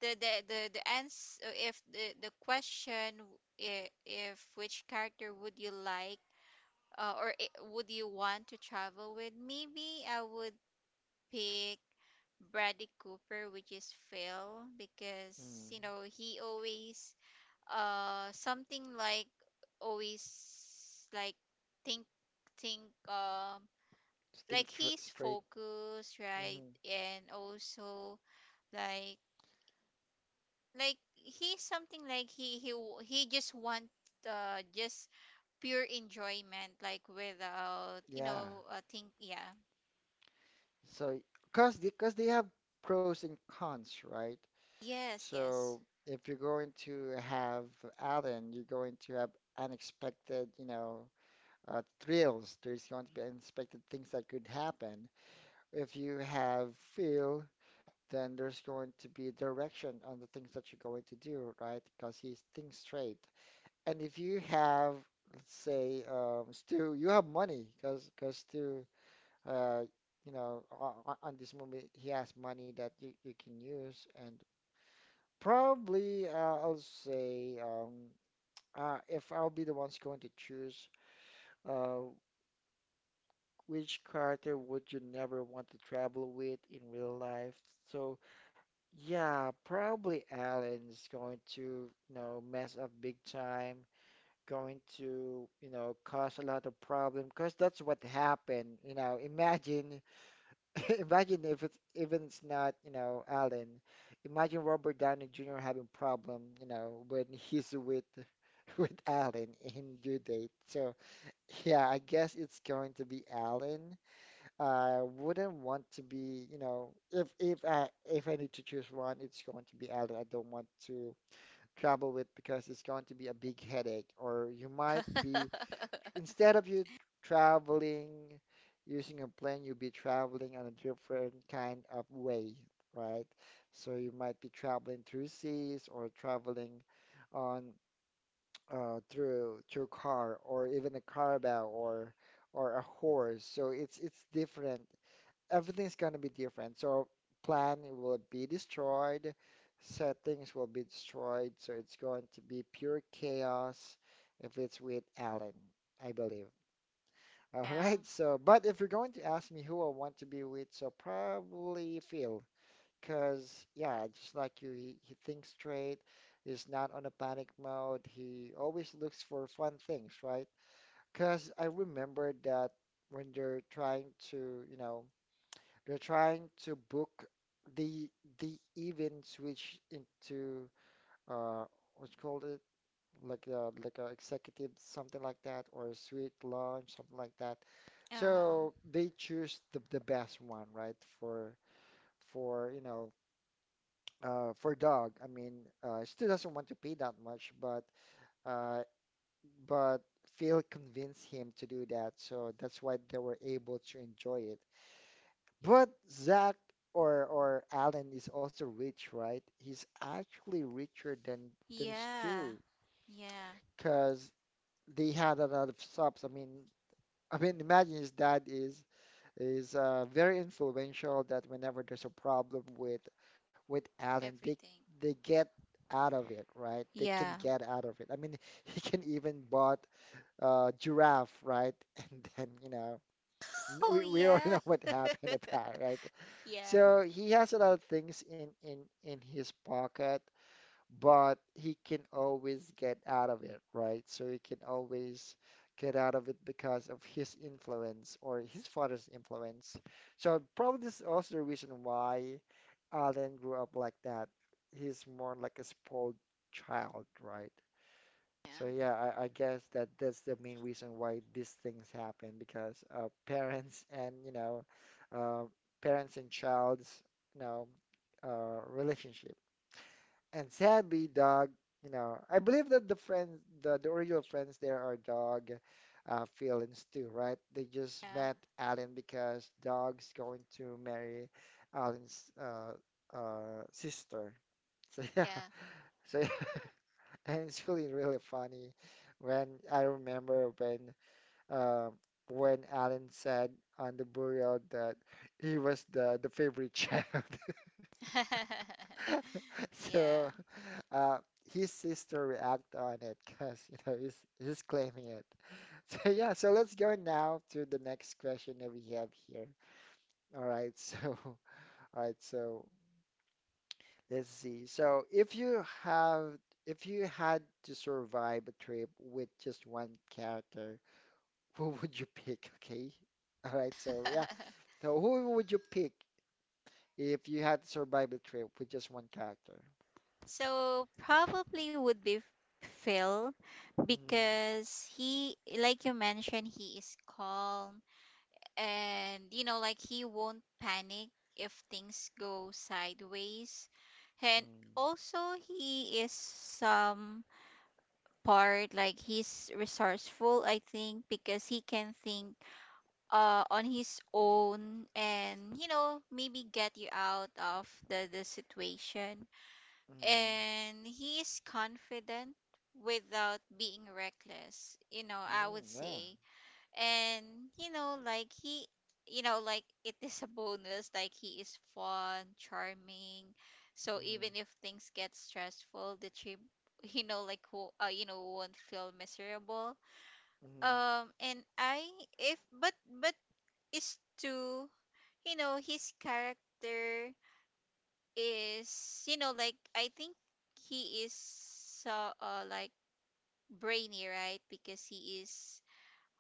Speaker 2: the answer, if the question if which character would you like, would you want to travel with, maybe I would pick Bradley Cooper, which is Phil, because
Speaker 1: Mm.
Speaker 2: you know he always something like always like think think um
Speaker 1: Just think
Speaker 2: like
Speaker 1: tr
Speaker 2: he's
Speaker 1: straight.
Speaker 2: focused, right?
Speaker 1: Hmm.
Speaker 2: And also like he's something like he just want, just pure enjoyment, like without, you
Speaker 1: Yeah.
Speaker 2: know, think yeah.
Speaker 1: So, cause they have pros and cons, right?
Speaker 2: Yes,
Speaker 1: So
Speaker 2: yes.
Speaker 1: if you're going to have Alan, you're going to have unexpected, you know, thrills. There's going to be unexpected things that could happen. If you have Phil, then there's going to be direction on the things that you're going to do, right? Because he's thinks straight. And if you have, let's say, Stu, you have money, cause Stu uh, you know, on this movie, he has money that you can use. And probably I'll say if I'll be the ones going to choose uh, which character would you never want to travel with in real life. So yeah, probably Alan's going to, you know, mess up big time. Going to, you know, cause a lot of problem because that's what happened. You know, imagine (laughs) imagine if it's even it's not, you know, Alan. Imagine Robert Downey Jr. having problem, you know, when he's with (laughs) with Alan in Due Date. So yeah, I guess it's going to be Alan. I wouldn't want to be, you know, if I need to choose one, it's going to be Alan. I don't want to travel with because it's going to be a big headache, or you might be
Speaker 2: (laughs)
Speaker 1: instead of you traveling using a plane, you'll be traveling on a different kind of way, right? So you might be traveling through seas or traveling on through car or even a caravel or a horse. So it's different. Everything's gonna be different. So plan will be destroyed, settings will be destroyed. So it's going to be pure chaos if it's with Alan, I believe. All
Speaker 2: Yeah.
Speaker 1: right. So, but if you're going to ask me who I want to be with, so probably Phil, because yeah, just like you, he thinks straight. He's not on a panic mode. He always looks for fun things, right? Because I remember that when they're trying to, you know, they're trying to book the the events which into uh what's called it like a executive something like that or a sweet lunch something like that, so
Speaker 2: Uh-huh.
Speaker 1: they choose the best one right for you know for dog I mean still doesn't want to pay that much but uh, but Phil convinced him to do that so that's why they were able to enjoy it, but Zach or Alan is also rich right he's actually richer than
Speaker 2: Yeah,
Speaker 1: Stu
Speaker 2: yeah,
Speaker 1: because they had a lot of subs. I mean, imagine his dad is very influential that whenever there's a problem with Alan,
Speaker 2: everything,
Speaker 1: they get out of it, right? They
Speaker 2: yeah.
Speaker 1: can get out of it. I mean, (laughs) he can even bought giraffe, right? (laughs) And then, you know,
Speaker 2: (laughs) Oh
Speaker 1: we already
Speaker 2: yeah.
Speaker 1: know what happened
Speaker 2: (laughs)
Speaker 1: about, right?
Speaker 2: Yeah.
Speaker 1: So he has a lot of things in his pocket but he can always get out of it, right? So he can always get out of it because of his influence or his father's influence. So probably this is also the reason why Alan grew up like that. He's more like a spoiled child, right?
Speaker 2: Yeah.
Speaker 1: So yeah, I guess that that's the main reason why these things happen because (laughs) parents and you know, uh, parents and child's you know, relationship. And sadly, dog, you know, I believe that the friends, the original friends there are dog, Phil and Stu, right? They just
Speaker 2: Yeah.
Speaker 1: met Alan because dog's going to marry Alan's sister. So (laughs) yeah,
Speaker 2: Yeah.
Speaker 1: so yeah. (laughs) And it's really really funny when I remember uh, when Alan said on the burial that he was the favorite child. (laughs)
Speaker 2: (laughs) Yeah.
Speaker 1: So uh, his sister react on it because you know he's claiming it. (laughs) So yeah, so let's go now to the next question that we have here. All right, so (laughs) all right, so let's see. So if you have if you had to survive a trip with just one character, (laughs) who would you pick? (laughs) Okay. All right, so yeah,
Speaker 2: (laughs)
Speaker 1: so who would you pick if you had to survive a trip with just one character?
Speaker 2: So probably would be Phil
Speaker 1: Mm-hmm.
Speaker 2: because he, like you mentioned, he is calm, and you know, like he won't panic if things go sideways. And also, he is some part, like he's resourceful, I think, because he can think, on his own, and you know, maybe get you out of the situation.
Speaker 1: Mm-hmm.
Speaker 2: And he is confident without being reckless, you know, I would
Speaker 1: Mm-hmm. Yeah.
Speaker 2: say. And you know like he you know like, (laughs) it is a bonus, like he is fun, charming, so
Speaker 1: Mm-hmm.
Speaker 2: even if things get stressful the trip, (laughs) you know, like who, you know, won't feel miserable.
Speaker 1: Mm-hmm.
Speaker 2: And I if but but is to You know his character is, you know, like I think he is so, like brainy, right? Because he is,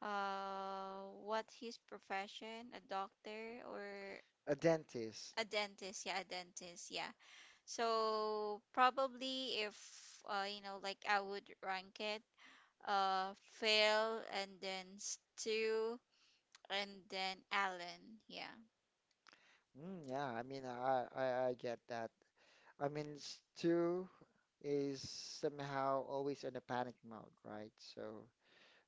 Speaker 2: what, his profession, a doctor or
Speaker 1: A dentist.
Speaker 2: a dentist, yeah, a dentist, yeah. So probably if, you know, like I would rank it, uh Phil, and then Stu, and then Alan, yeah.
Speaker 1: Mm, yeah, I mean, I I get that. I mean, Stu is somehow always in a panic mode, right? So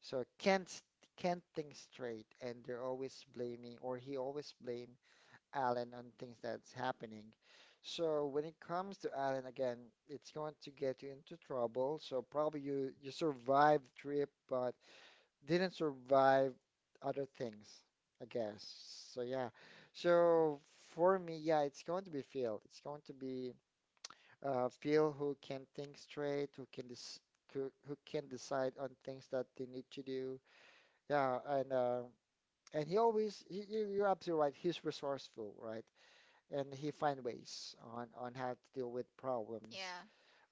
Speaker 1: so can't s- can't think straight, and they're always blaming, or he always blame Alan on things that's happening. So when it comes to Alan again, it's going to get you into trouble. So probably you you survive the trip, but didn't survive other things, I guess. So yeah. So for me, yeah, it's going to be Phil. It's going to be Phil who can think straight, who can decide on things that they need to do. Yeah, and he always he, you- you're absolutely right. He's resourceful, right? And he find ways on how to deal with problems
Speaker 2: Yeah.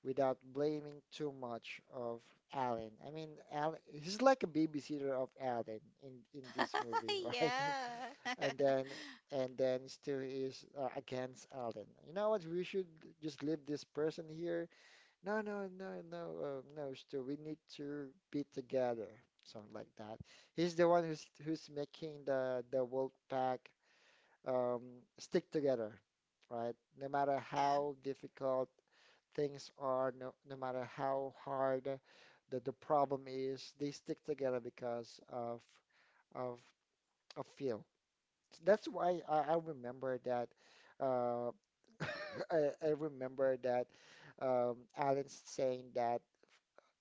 Speaker 1: without blaming too much of Alan. I mean, Alan, he's like a babysitter of Alan in this movie,
Speaker 2: (laughs)
Speaker 1: right? (laughs)
Speaker 2: Yeah.
Speaker 1: And
Speaker 2: (laughs)
Speaker 1: then and then still is against Alan. You know what? We should just leave this person here. No, no, no, no, no, Stu. We need to be together. Something like that. He's the one who's making the wolf pack um, stick together, right? No matter
Speaker 2: yeah.
Speaker 1: how difficult things are, no, no matter how hard the problem is, they stick together because of a feel. That's why I remember that uh, (laughs) I remember that Alan saying that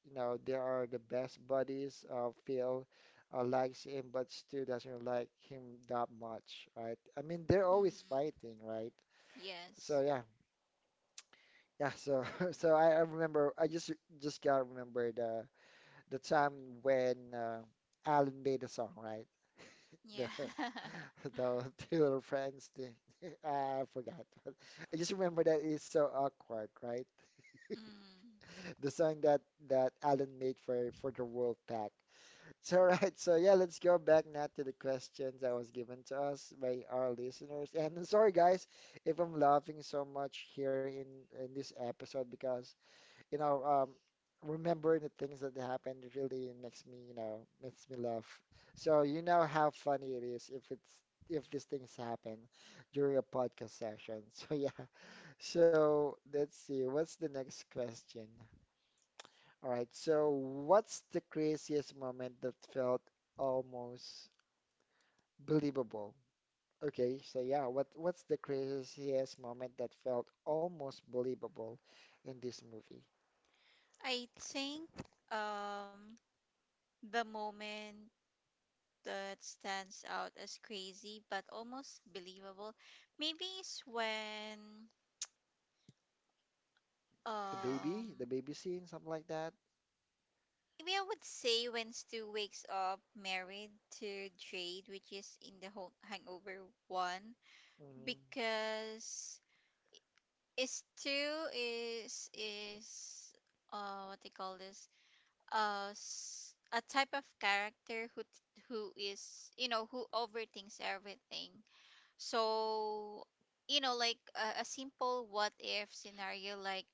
Speaker 1: you know they are the best buddies. Phil likes him, but Stu doesn't like him that much, right? I mean, they're always
Speaker 2: hmm
Speaker 1: fighting, right? So
Speaker 2: Yes.
Speaker 1: yeah, yeah, so (laughs) so I remember I just gotta remember the time when Alan made a song, right? The
Speaker 2: Yeah. (laughs)
Speaker 1: (laughs) the two little friends thing. (laughs) I forgot, but I just remember that it's so awkward, right?
Speaker 2: mm.
Speaker 1: (laughs) The song that Alan made for the Wolf Pack. (laughs) So right, so yeah, let's go back now to the questions that was given to us by our listeners. And sorry guys if I'm laughing so much here in this episode because. You know, remembering the things that happened really makes me, you know, makes me laugh. So you know how funny it is if it's if these things happen during a podcast session. (laughs) So yeah. So let's see. What's the next question? All right. So what's the craziest moment that felt almost believable? Okay. So yeah. What's the craziest moment that felt almost believable in this movie?
Speaker 2: I think um the moment that stands out as crazy but almost believable, maybe is when,
Speaker 1: The
Speaker 2: um
Speaker 1: baby scene, something like that.
Speaker 2: maybe I would say when Stu wakes up married to Jade, which is in the Hangover 1,
Speaker 1: Mm,
Speaker 2: because Is two is what they call this, a type of character who is, you know, who overthinks everything. So you know, like a simple what if scenario,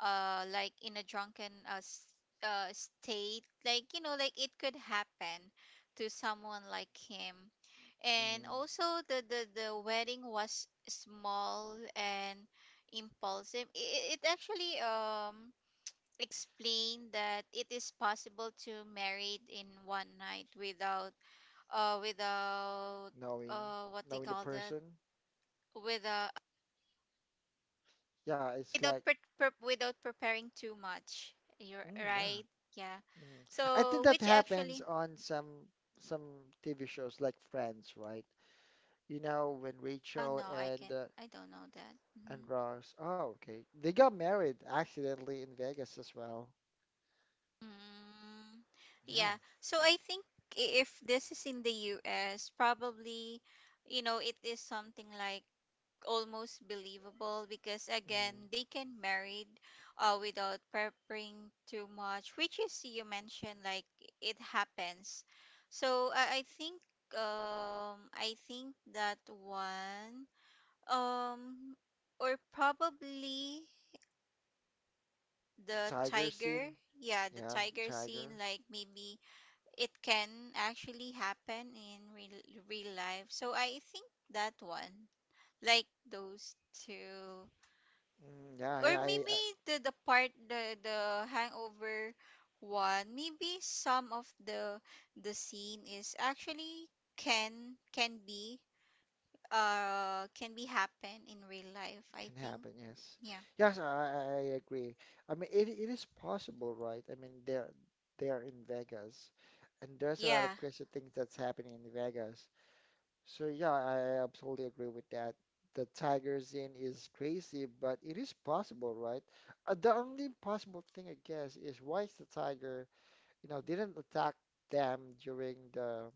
Speaker 2: like in a drunken, state, like you know, like it could happen to someone like him. And
Speaker 1: mm,
Speaker 2: also the wedding was small and impulsive. It actually explained that it is possible to marry in one night without uh without
Speaker 1: knowing,
Speaker 2: what do you
Speaker 1: knowing the
Speaker 2: call that,
Speaker 1: person.
Speaker 2: with a,
Speaker 1: Yeah, it's
Speaker 2: without
Speaker 1: like,
Speaker 2: without preparing too much. You're
Speaker 1: mm, yeah.
Speaker 2: right. Yeah.
Speaker 1: Mm. I think
Speaker 2: So
Speaker 1: that
Speaker 2: which
Speaker 1: happens
Speaker 2: actually?
Speaker 1: on some TV shows like Friends, right? You know, when
Speaker 2: Oh
Speaker 1: Rachel
Speaker 2: no, I can. I don't know that. Hmm
Speaker 1: and Ross. Oh, okay. They got married accidentally in Vegas as well.
Speaker 2: Mm,
Speaker 1: Yeah.
Speaker 2: yeah. So I think, if this is in the U.S., probably, you know, it is something like almost believable because,
Speaker 1: Mm.
Speaker 2: again, they can married, without preparing too much, which is you mentioned, like it happens. So I think I think that one, um or probably
Speaker 1: The
Speaker 2: the
Speaker 1: tiger scene.
Speaker 2: tiger. Yeah, the
Speaker 1: Yeah,
Speaker 2: tiger scene,
Speaker 1: tiger.
Speaker 2: like maybe it can actually happen in real, real life. So I think that one, like those two,
Speaker 1: Mm, yeah,
Speaker 2: or
Speaker 1: yeah.
Speaker 2: maybe the part the hangover one, maybe some of the scene is actually, can can be can be happen in real life, I
Speaker 1: Can
Speaker 2: think.
Speaker 1: happen, yes.
Speaker 2: Yeah.
Speaker 1: Yes, I agree. I mean, it is possible, right? I mean, they're in Vegas, and there's a lot
Speaker 2: Yeah.
Speaker 1: of crazy things that's happening in Vegas. So yeah, I absolutely agree with that. The Tigers in is crazy, but it is possible, right? The only impossible thing, I guess, is why is the Tiger, you know, didn't attack them during the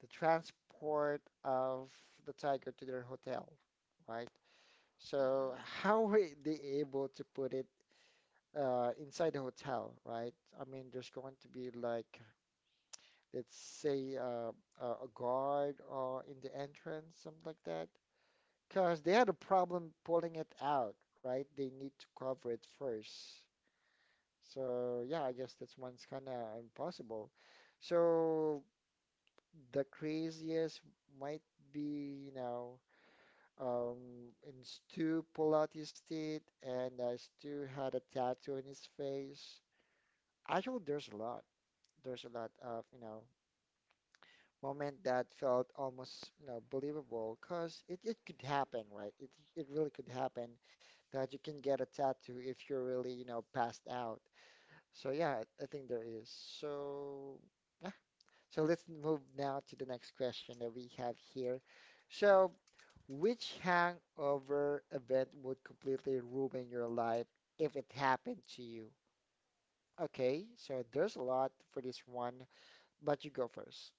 Speaker 1: the transport of the Tiger to their hotel, right? So
Speaker 2: Mm-mm.
Speaker 1: how were they able to put it inside the hotel, right? I mean, there's going to be like, let's say, a guard or in the entrance, something like that. Because they had a problem pulling it out, right? They need to cover it first. So yeah, I guess that's one's kind of impossible. So the craziest might be, you know. And Stu pulled out his teeth, and Stu had a tattoo in his face. Actually, there's a lot. There's a lot of, you know, moment that felt almost, you know, believable because it could happen, right? It really could happen that you can get a tattoo if you're really, you know, passed out. So yeah, I think there is. So yeah. So let's move now to the next question that we have here. So which hangover event would completely ruin your life if it happened to you? Okay, so there's a lot for this one, but you go 1st.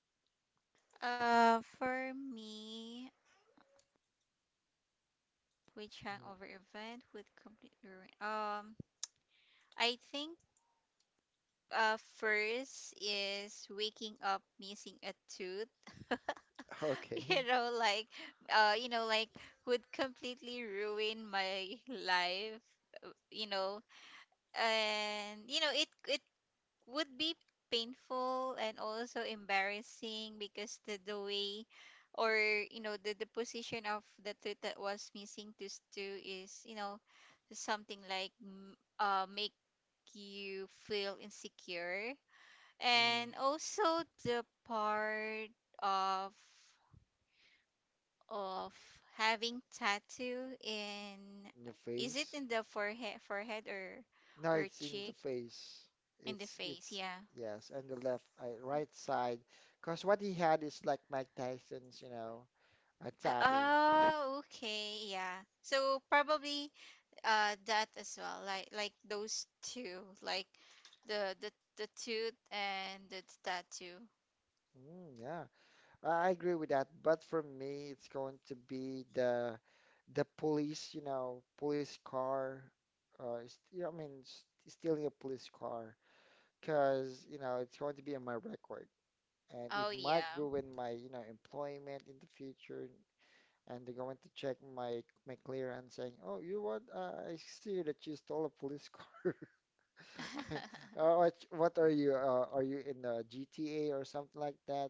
Speaker 2: Uh, for me, which hangover
Speaker 1: (laughs)
Speaker 2: event would completely ruin, I think, first is waking up missing a tooth. (laughs) You
Speaker 1: Okay.
Speaker 2: know, like, you know, like would completely ruin my life, you know. And you know it would be painful and also embarrassing because the way or you know, the position of the tooth that was missing, tooth two, is, you know, something like, mm, make you feel insecure.
Speaker 1: Hmm.
Speaker 2: And also, the part of of having tattoo in,
Speaker 1: In the
Speaker 2: is it
Speaker 1: face.
Speaker 2: in the forehead, forehead,
Speaker 1: No,
Speaker 2: or
Speaker 1: it's in the
Speaker 2: cheek,
Speaker 1: face.
Speaker 2: in the
Speaker 1: It's
Speaker 2: face,
Speaker 1: it's
Speaker 2: yeah.
Speaker 1: yes, on the left, right side. Cause what he had is like Mike Tyson's, you know, a tattoo.
Speaker 2: Oh, okay, yeah. So probably that as well, like those two, like the the the tooth and the tattoo.
Speaker 1: Mm, yeah, I agree with that, but for me, it's going to be the police, you know, police car. Yeah, I mean, stealing a police car, because you know it's going to be on my record, and it
Speaker 2: Oh
Speaker 1: might
Speaker 2: yeah.
Speaker 1: ruin my you know employment in the future. And they're going to check my clearance, saying, "Oh, you know what? I see that you stole a police (laughs) car." (laughs)
Speaker 2: (laughs)
Speaker 1: What are you? Are you in GTA or something like that?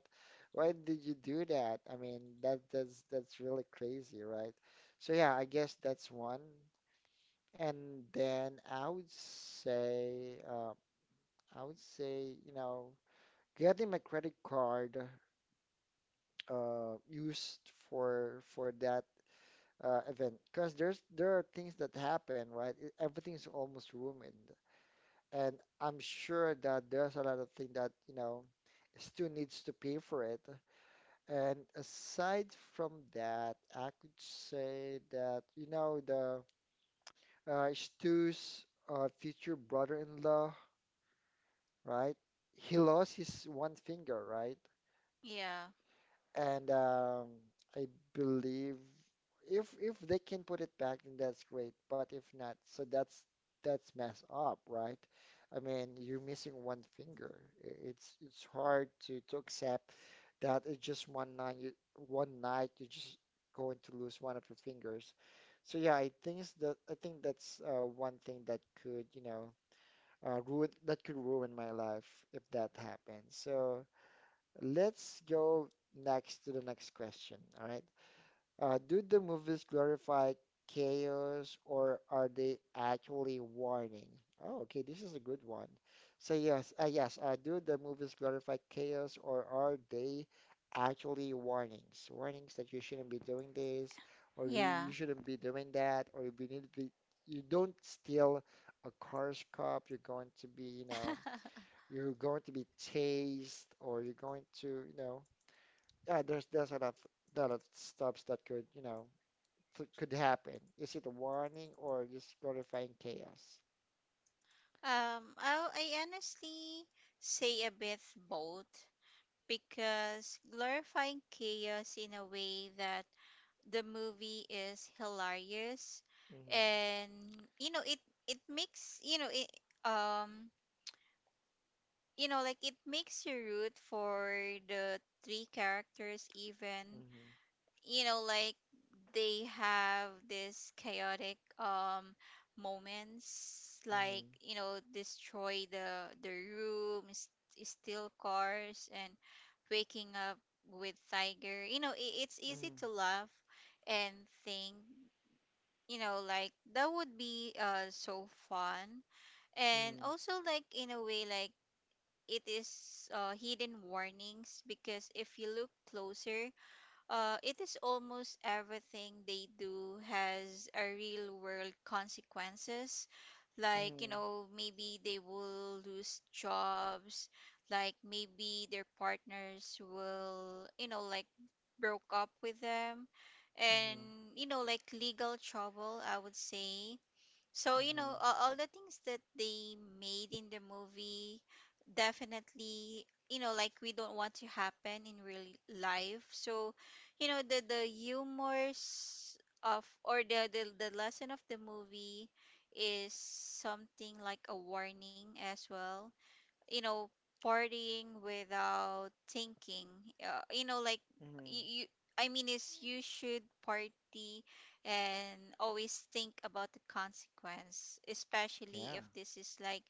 Speaker 1: Why did you do that? I mean, that's really crazy, right? So yeah, I guess that's one. And then I would say, you know, getting my credit card used for that event, because there are things that happen, right? Everything's almost ruined. And I'm sure that there's a lot of things that, you know, still needs to pay for it. And aside from that, I could say that, you know, the Stu's future brother-in-law, right? He lost his one finger, right?
Speaker 2: Yeah.
Speaker 1: And I believe if they can put it back, then that's great. But if not, so that's messed up, right? I mean, you're missing one finger. It's hard to accept that it's just one night. You, one night you're just going to lose one of your fingers. So yeah, I think it's that I think that's one thing that could, you know, ruin that could ruin my life if that happens. So let's go next to the next question. All right. Do the movies glorify chaos or are they actually warning? Oh, okay, this is a good one. So yes, yes, do the movies glorify chaos or are they actually warnings? Warnings that you shouldn't be doing this or
Speaker 2: Yeah.
Speaker 1: you shouldn't be doing that or if you need to be, you don't steal a car's cup, you're going to be, you know,
Speaker 2: (laughs)
Speaker 1: you're going to be chased or you're going to, you know, yeah, there's a lot of stops that could, you know so it could happen? Is it a warning or just glorifying chaos?
Speaker 2: I honestly say a bit both, because glorifying chaos in a way that the movie is hilarious,
Speaker 1: Mm-hmm,
Speaker 2: and you know it it makes you know it um you know, like it makes you root for the three characters, even,
Speaker 1: mm-hmm,
Speaker 2: you know, like they have this chaotic, moments, like
Speaker 1: mm-hmm,
Speaker 2: you know, destroy the rooms, steal cars, and waking up with tiger, you know, I it's easy
Speaker 1: mm-hmm,
Speaker 2: to laugh and think, you know, like that would be, so fun. And also, like in a way, like it is, hidden warnings, because if you look closer, it is almost everything they do has a real world consequences. Like, you
Speaker 1: mm-hmm,
Speaker 2: know, maybe they will lose jobs, like maybe their partners will, you know, like broke up with them,
Speaker 1: mm-hmm, mm-hmm,
Speaker 2: and you know, like legal trouble, I would say. So, you
Speaker 1: mm-hmm,
Speaker 2: know, all the things that they made in the movie, definitely, you know, like we don't want to happen in real life. So, you know, the humors of, or the lesson of the movie is something like a warning as well, you know. Partying without thinking, you know, like
Speaker 1: mm-hmm.
Speaker 2: you, I mean, is you should party and always think about the consequence, especially
Speaker 1: Yeah.
Speaker 2: if this is like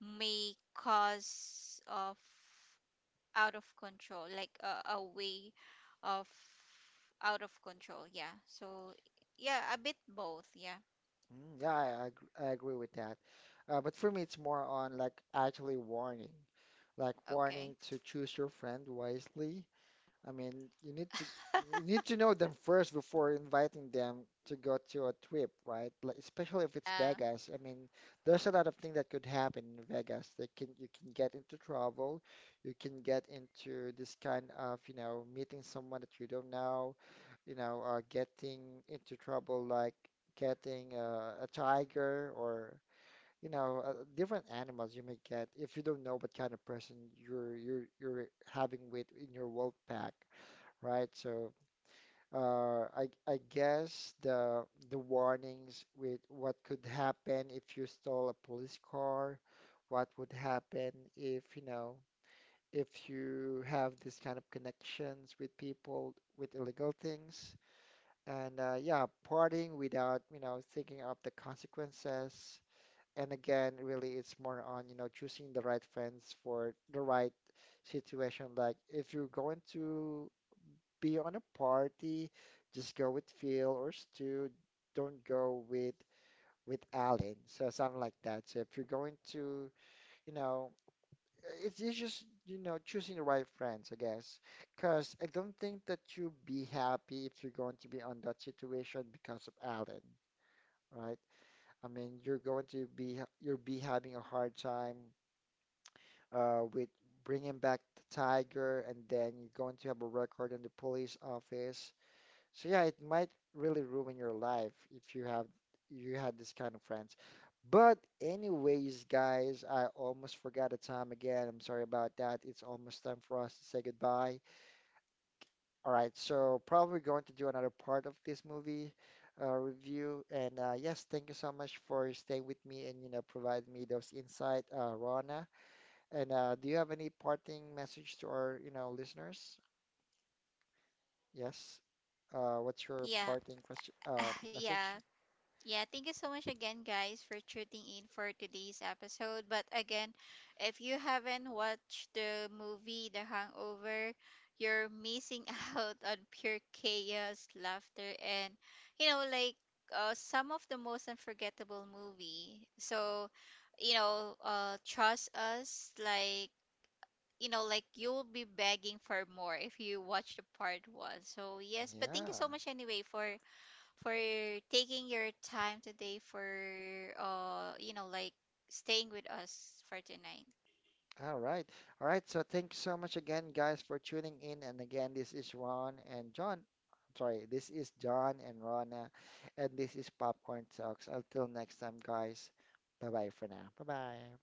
Speaker 2: may cause of out of control, like a way of out of control, yeah. So yeah, a bit both, yeah.
Speaker 1: Mm, yeah, I agree with that. But for me, it's more on like actually warning, like
Speaker 2: Okay.
Speaker 1: warning to choose your friend wisely, I mean, you
Speaker 2: (laughs)
Speaker 1: need to know them first before inviting them to go to a trip, right? Like especially if it's
Speaker 2: Yeah,
Speaker 1: Vegas. I mean, there's a lot of things that could happen in Vegas. They can you can get into trouble, you can get into this kind of, you know, meeting someone that you don't know, you know, getting into trouble like getting a tiger or you know, different animals you may get if you don't know what kind of person you're having with in your world pack right? So I guess the warnings with what could happen if you stole a police car, what would happen if you know if you have this kind of connections with people with illegal things, and yeah, partying without you know thinking of the consequences. And again, really, it's more on you know choosing the right friends for the right situation. Like if you're going to be on a party, just go with Phil or Stu. Don't go with Alan. So something like that. So if you're going to, you know, it's just, you know, choosing the right friends, I guess. Because I don't think that you'll be happy if you're going to be on that situation because of Alan, right? I mean, you're going to you'll be having a hard time with bringing back the tiger, and then you're going to have a record in the police office. So yeah, it might really ruin your life if you had this kind of friends. But anyways, guys, I almost forgot the time again. I'm sorry about that. It's almost time for us to say goodbye. All right, so probably going to do another part of this movie review. And yes, thank you so much for staying with me and you know providing me those insight, Rana. And do you have any parting message to our you know listeners? Yes. What's your
Speaker 2: yeah.
Speaker 1: parting question
Speaker 2: (sighs) Yeah.
Speaker 1: message?
Speaker 2: Yeah, thank you so much again, guys, for tuning in for today's episode. But again, if you haven't watched the movie The Hangover, you're missing (laughs) out on pure chaos, laughter, and you know, like, some of the most unforgettable movie. So, you know, trust us, like you know, like you'll be begging for more if you watch the part one. So yes, but thank you
Speaker 1: Yeah.
Speaker 2: so much anyway for for taking your time today for, you know, like staying with us for tonight.
Speaker 1: All right. All right. So thank you so much again, guys, for tuning in. And again, this is Ron and John. I'm sorry, this is John and Rona, and this is Popcorn Talks. Until next time, guys. Bye bye for now. Bye bye.